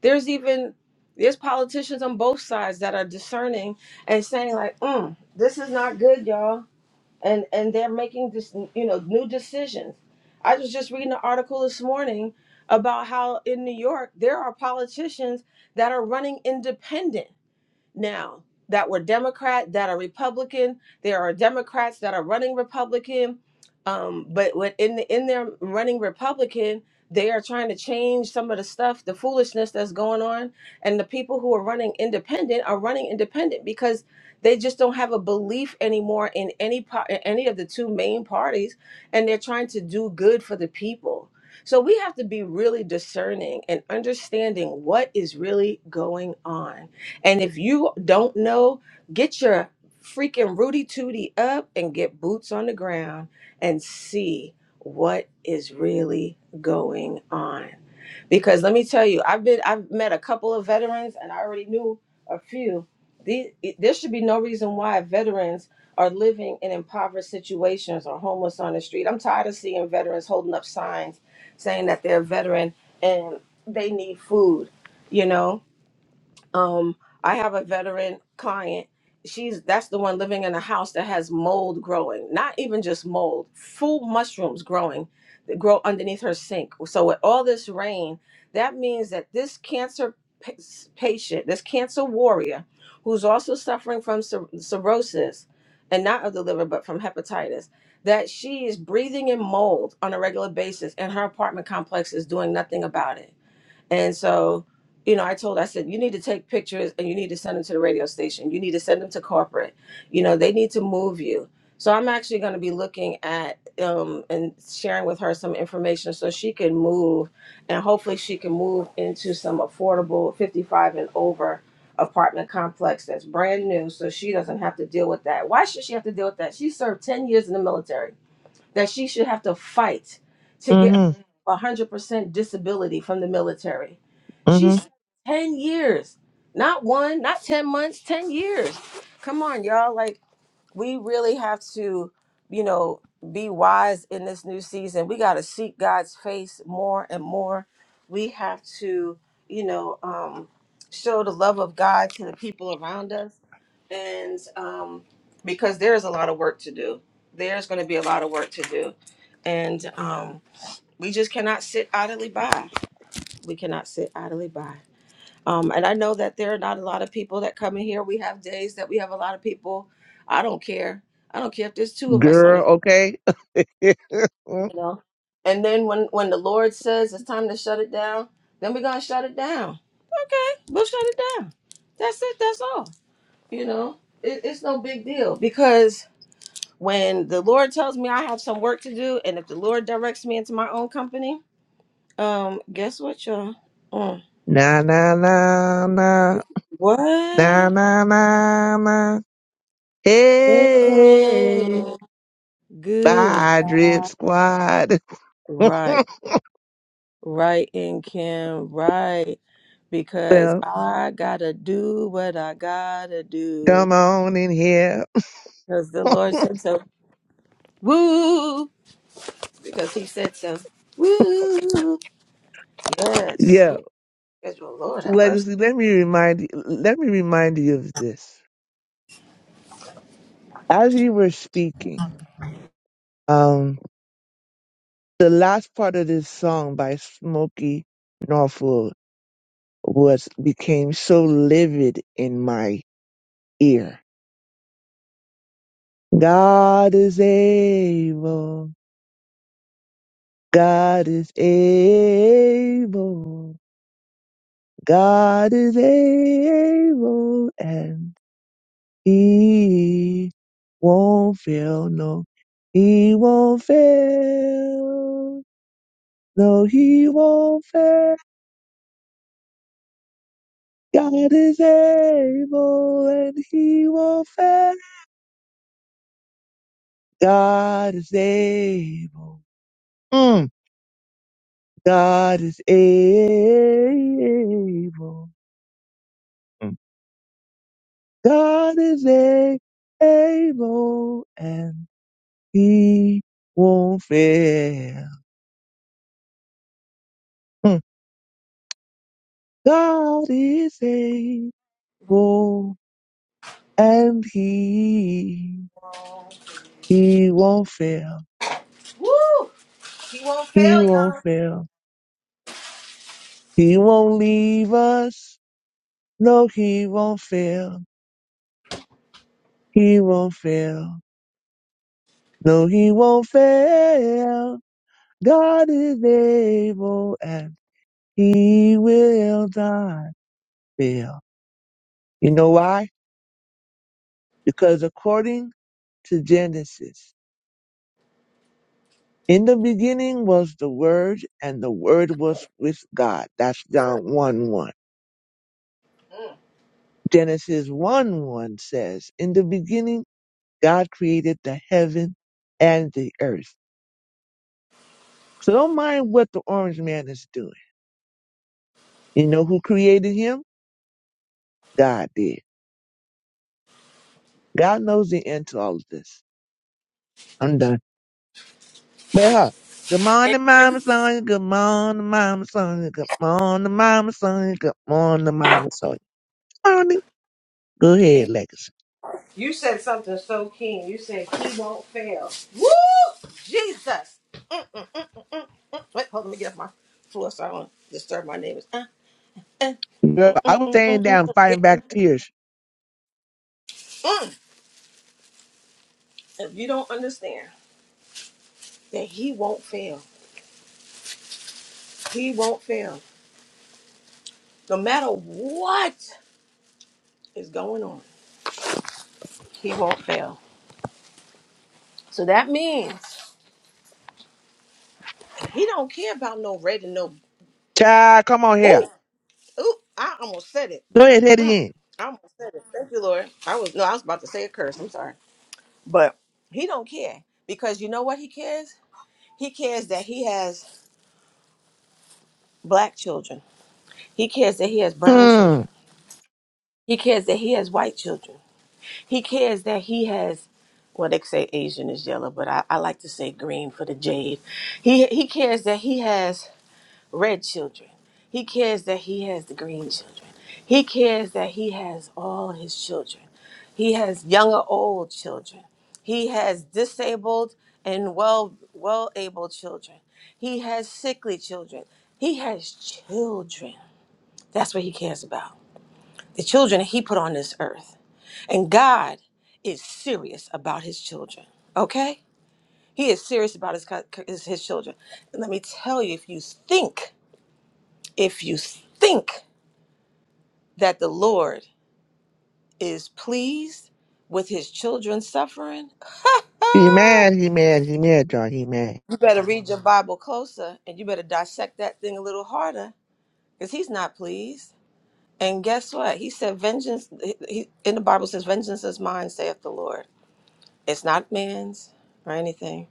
there's even there's politicians on both sides that are discerning and saying like mm, this is not good y'all and and they're making this you know new decisions i was just reading an article this morning about how in new york there are politicians that are running independent now that were Democrat, that are Republican. There are Democrats that are running Republican, um, but what in the, in their running Republican, they are trying to change some of the stuff, the foolishness that's going on, and the people who are running independent are running independent because they just don't have a belief anymore in any part, any of the two main parties, and they're trying to do good for the people. So we have to be really discerning and understanding what is really going on and if you don't know, get your freaking Rudy Tooty up and get boots on the ground and see what is really going on. Because let me tell you, I've been I've met a couple of veterans and I already knew a few. These, it- there should be no reason why veterans are living in impoverished situations or homeless on the street. I'm tired of seeing veterans holding up signs saying that they're a veteran and they need food, you know? um i have a veteran client she's that's the one living in a house that has mold growing not even just mold full mushrooms growing that grow underneath her sink so with all this rain that means that this cancer pa- patient this cancer warrior who's also suffering from cir- cirrhosis and not of the liver but from hepatitis that she is breathing in mold on a regular basis and her apartment complex is doing nothing about it and so, you know, I told, I said, you need to take pictures and you need to send them to the radio station. You need to send them to corporate. You know, they need to move you. So I'm actually going to be looking at um, and sharing with her some information so she can move and hopefully she can move into some affordable 55 and over apartment complex that's brand new so she doesn't have to deal with that. Why should she have to deal with that? She served 10 years in the military that she should have to fight to get mm-hmm, 100% disability from the military. mm-hmm. She served 10 years, not one, not 10 months, 10 years. Come on, y'all. Like, we really have to, you know, be wise in this new season. We got to seek God's face more and more. We have to, you know, um, show the love of God to the people around us. And um, because there's a lot of work to do, there's going to be a lot of work to do. And um, we just cannot sit idly by. We cannot sit idly by. Um, and I know that there are not a lot of people that come in here. We have days that we have a lot of people. I don't care. I don't care if there's two of us on this, Girl, okay? Mm. you know. And then when when the Lord says it's time to shut it down, then we're gonna shut it down. Okay, we'll shut it down. That's it. That's all. You know, it, it's no big deal because when the Lord tells me I have some work to do, and if the Lord directs me into my own company, um, guess what, y'all? Mm. na na na na na What? na na na. Hey, Mm. Good. bye, drip squad. Right, right, and Kim, right, because well, I gotta do what I gotta do, come on in here. because the Lord said so. Woo, because He said so. Woo, yes. Yeah, Oh, yes, well, Lord have mercy. legacy. Let me remind you. Let me remind you of this. As you were speaking, um, the last part of this song by Smokey Norfolk was became so livid in my ear God is able. God is able. God is able and he won't fail. No, he won't fail. No, he won't fail. God is able and he won't fail. God is able. Mm. God is able. God is a- able and he won't fail. Hmm. God is able and he, he won't fail. Woo, He won't fail He won't y'all. fail. He won't leave us. No, he won't fail. He won't fail. No, he won't fail. God is able and he will not fail. You know why? Because according to Genesis, in the beginning was the Word, and the Word was with God. That's John 1 1. Mm. Genesis 1 1 says, In the beginning, God created the heaven and the earth. So don't mind what the orange man is doing. You know who created him? God did. God knows the end to all of this. I'm done. But huh, good And morning, Mama Kim, Sonia. Good morning, Mama Sonia. Good morning, Mama Sonia. Good morning, Mama Sonia. Morning. Go ahead, And Legacy. You said something so keen. You said He won't fail. Woo, Jesus. Mm. Wait, hold on, let me get off my floor so I don't disturb my neighbors. Uh, uh, Girl, mm, I mm, was mm, staying mm, mm. down mm. fighting back tears. Mm. If you don't understand that he won't fail, he won't fail. No matter what is going on, he won't fail. So that means he don't care about no red and no. Child, come on here. Ooh, ooh, I almost said it. Go ahead, head Mm, again. I almost said it. Thank you, Lord. I was no, I was about to say a curse. I'm sorry, but he don't care because you know what he cares. He cares that he has black children. He cares that he has brown Hmm. children. He cares that he has white children. He cares that he has. Well, they say Asian is yellow, but I, I like to say green for the jade. He he cares that he has red children. He cares that he has the green children. He cares that he has all his children. He has young or old children. He has disabled and well well able children. He has sickly children. He has children. That's what he cares about. The children that he put on this earth. And God is serious about his children, okay? He is serious about his, co- his, his children. And let me tell you, if you think, if you think that the Lord is pleased with his children suffering, He mad, he mad, he mad, John, he mad. you better read your Bible closer and you better dissect that thing a little harder because he's not pleased. And guess what? He said, vengeance, he, he- in the Bible says, vengeance is mine, saith the Lord. It's not man's or anything.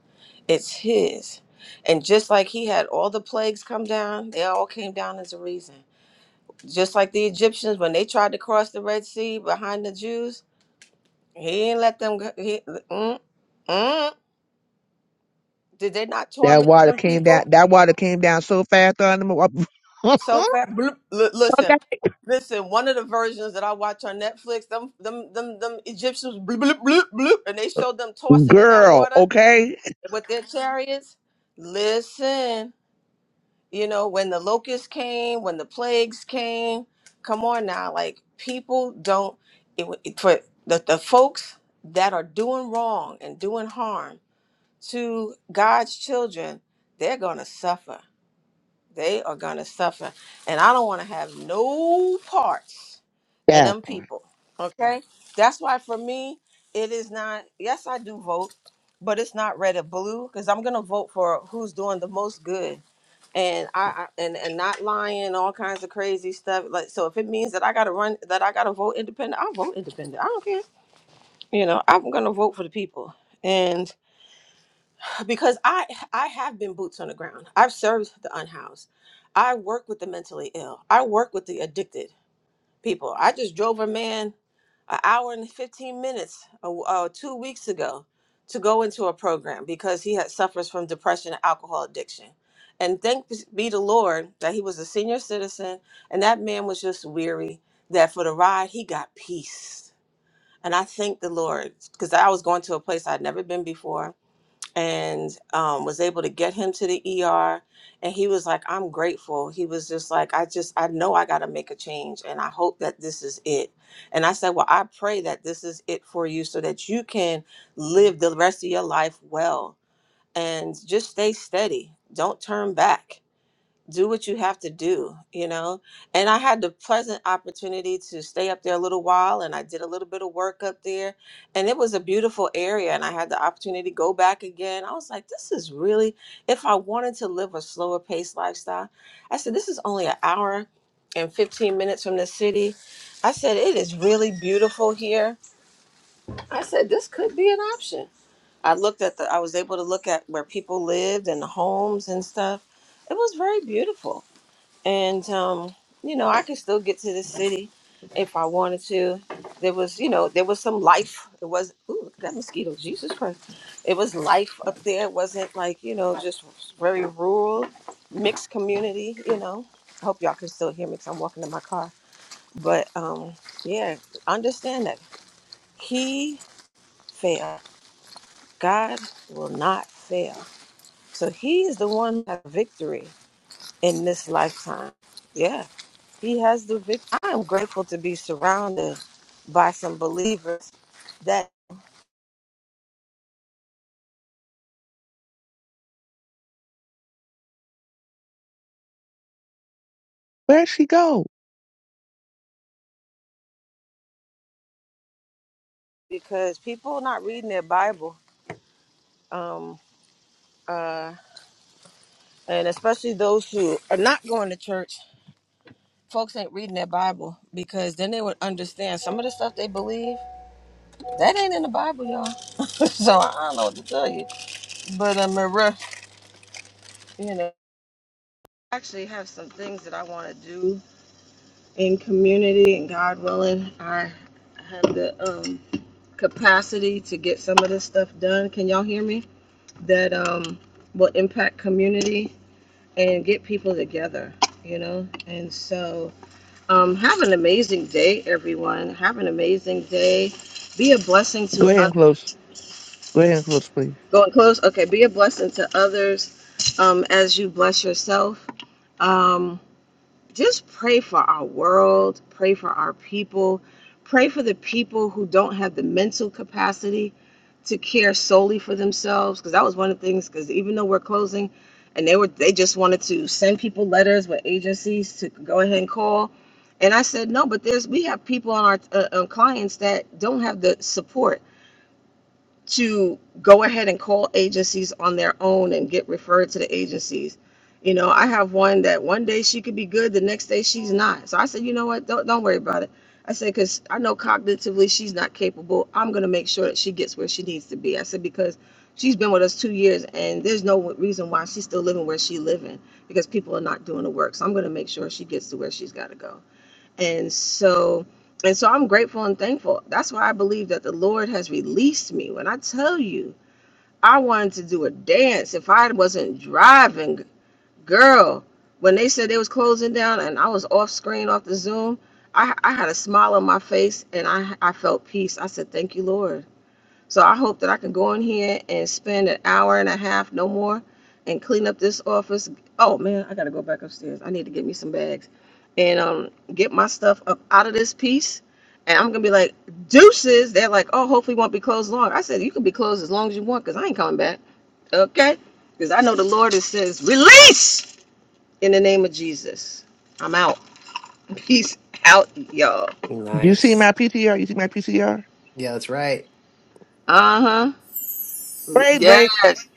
It's his. And just like he had all the plagues come down, they all came down as a reason. Just like the Egyptians when they tried to cross the Red Sea behind the Jews, he didn't let them go. He, mm, mm. Did they not That torment water them came down, people that water came down so fast on him. so fast? Bloop. L- listen, okay. listen. One of the versions that I watch on Netflix, them, them, them, them Egyptians, bloop, bloop, bloop, bloop, and they showed them tossing in that Girl, water okay? with their chariots. Listen. You know, when the locusts came, when the plagues came, come on now, like people don't it, wa- it- for the, the folks that are doing wrong and doing harm to God's children, they're gonna suffer they are gonna suffer, and I don't want to have no parts of That them part. people. Okay, that's why for me it is not. Yes, I do vote, but it's not red or blue because I'm gonna vote for who's doing the most good, and I, I and and not lying, all kinds of crazy stuff. Like so, if it means that I gotta run, that I gotta vote independent, I'll vote independent. I don't care. You know, I'm gonna vote for the people, and because I I have been boots on the ground. I've served the unhoused. I work with the mentally ill. I work with the addicted people. I just drove a man an hour and 15 minutes uh, uh, two weeks ago to go into a program because he had suffers from depression and alcohol addiction. And thank be the Lord that he was a senior citizen and that man was just weary that for the ride he got peace. And I thank the Lord because I was going to a place I'd never been before and um, was able to get him to the ER. And he was like, I'm grateful. He was just like, I just, I know I got to make a change and I hope that this is it. And I said, Well, I pray that this is it for you so that you can live the rest of your life well and just stay steady. Don't turn back do what you have to do, you know. And I had the pleasant opportunity to stay up there a little while and I did a little bit of work up there. And it was a beautiful area. And I had the opportunity to go back again. I was like, this is really, if I wanted to live a slower paced lifestyle, I said, this is only an hour and 15 minutes from the city. I said, it is really beautiful here. I said, this could be an option. I looked at the, I was able to look at where people lived and the homes and stuff. It was very beautiful and um, you know I could still get to the city if I wanted to. There was, you know, there was some life. It was, ooh, look at that mosquito, Jesus Christ! It was life up there. It wasn't like you know just very rural, mixed community. You know, I hope y'all can still hear me because I'm walking in my car. But um, yeah, understand that He failed. God will not fail. So He is the one that has victory in this lifetime. Yeah He has the victory. I am grateful to be surrounded by some believers that Where'd she go? because people are not reading their Bible, um, uh, and especially those who are not going to church, folks ain't reading their Bible because then they would understand some of the stuff they believe that ain't in the Bible, y'all. so I don't know what to tell you. But uh, Maria, you know, I actually have some things that I want to do in community, and God willing, I have the um capacity to get some of this stuff done. Can y'all hear me? That um, will impact community and get people together, you know? And so um, have an amazing day, everyone. Have an amazing day. Be a blessing Go to ahead and us. close. Go ahead and close, please. Going close? Okay. Be a blessing to others um, as you bless yourself. Um, just pray for our world, pray for our people, pray for the people who don't have the mental capacity to care solely for themselves. Because that was one of the things. Because even though we're closing, and they were they just wanted to send people letters with agencies to go ahead and call, and I said no, but there's we have people on our uh, on clients that don't have the support to go ahead and call agencies on their own and get referred to the agencies. You know, I have one that one day she could be good, the next day she's not. So I said, you know what? Don't don't worry about it. I said because I know cognitively she's not capable. I'm gonna make sure that she gets where she needs to be. I said because she's been with us two years and there's no reason why she's still living where she's living because people are not doing the work. So I'm gonna make sure she gets to where she's got to go and so and so i'm grateful and thankful that's why i believe that the lord has released me when i tell you i wanted to do a dance if i wasn't driving girl when they said they was closing down and i was off screen off the zoom i, I had a smile on my face and I, I felt peace i said thank you lord so I hope that I can go in here and spend an hour and a half, no more, and clean up this office. Oh man, I gotta go back upstairs. I need to get me some bags and um get my stuff up out of this piece. And I'm gonna be like, deuces. They're like, oh, hopefully it won't be closed long. I said, you can be closed as long as you want, because I ain't coming back. Okay? Because I know the Lord that says, release in the name of Jesus. I'm out. Peace out, y'all. You see Nice. my PTR? You see my PTR? Yeah, that's right. Uh-huh. Braid break. Yes.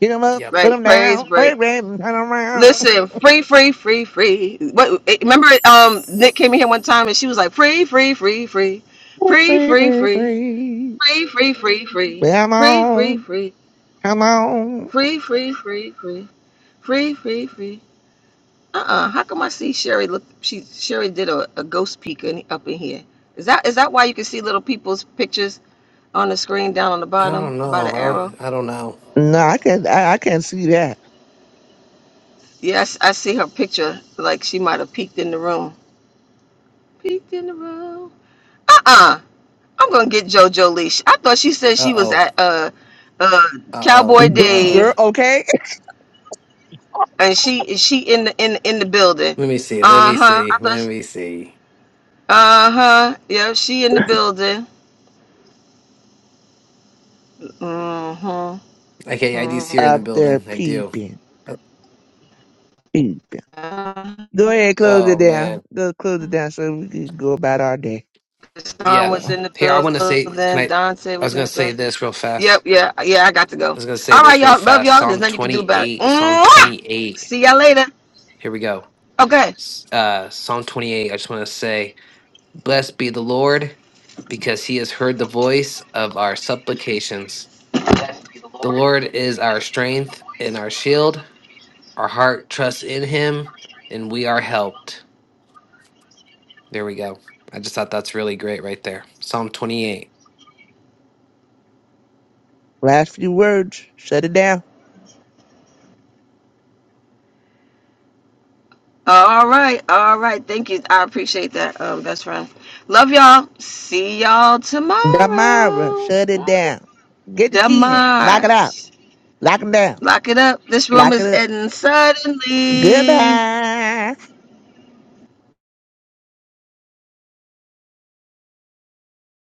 Get him up, Yep. put Right. him Praise down. break. Braid break, and turn around. Listen, free, free, free, free. What? eh, Remember, um, Nick came in here one time and she was like, free, free, free, free, free, Free, free, free, free, free, free. free, free, free, Well, I'm free, free, free, on. free, Come on. free, free, free, free, free, free, free. Uh-uh. How come I see Sherry? Look, she Sherry did a, a ghost peek in, up in here. Is that is that why you can see little people's pictures on the screen down on the I bottom don't by the know. arrow? I, I don't know. No, I can't. I, I can't see that. Yes, I see her picture. Like she might have peeked in the room. Peeked in the room. Uh-uh. I'm gonna get JoJo Leash. I thought she said she Uh was oh. at uh uh Uh oh. Cowboy Girl, Uh oh. girl Dave okay. and she she in the in in the building. Let me see. Let me Uh-huh. I see. Let thought me see. uh-huh. Yep, she in the building. hmm Okay, I do hmm see her in the Up there building. I do. peeping, peeping. Go ahead, close it Oh down. man, Go close it down so we can go about our day. Don yeah. was Yeah. in Here, I the want to say. Can building. I? Dante I was was in gonna the say building. this real Yep, fast. yeah, yeah, I got to go. I was gonna say All right, this real y'all. Love fast. y'all. There's Psalm nothing you can do about it. twenty-eight. Psalm Mwah! twenty-eight. See y'all later. Here we go. Okay. S- Uh, Psalm twenty-eight. I just want to say, blessed be the Lord, because He has heard the voice of our supplications. The Lord is our strength and our shield. Our heart trusts in Him, and we are helped. There we go. I just thought that's really great right there. Psalm 28. Last few words. Shut it down. All right, all right. Thank you. I appreciate that, um, best friend. Love y'all. See y'all Damara, tomorrow. shut it down. Get the keys. Lock it out. Demars. Lock it down. Lock it up. This room Lock it is up. ending suddenly. Goodbye.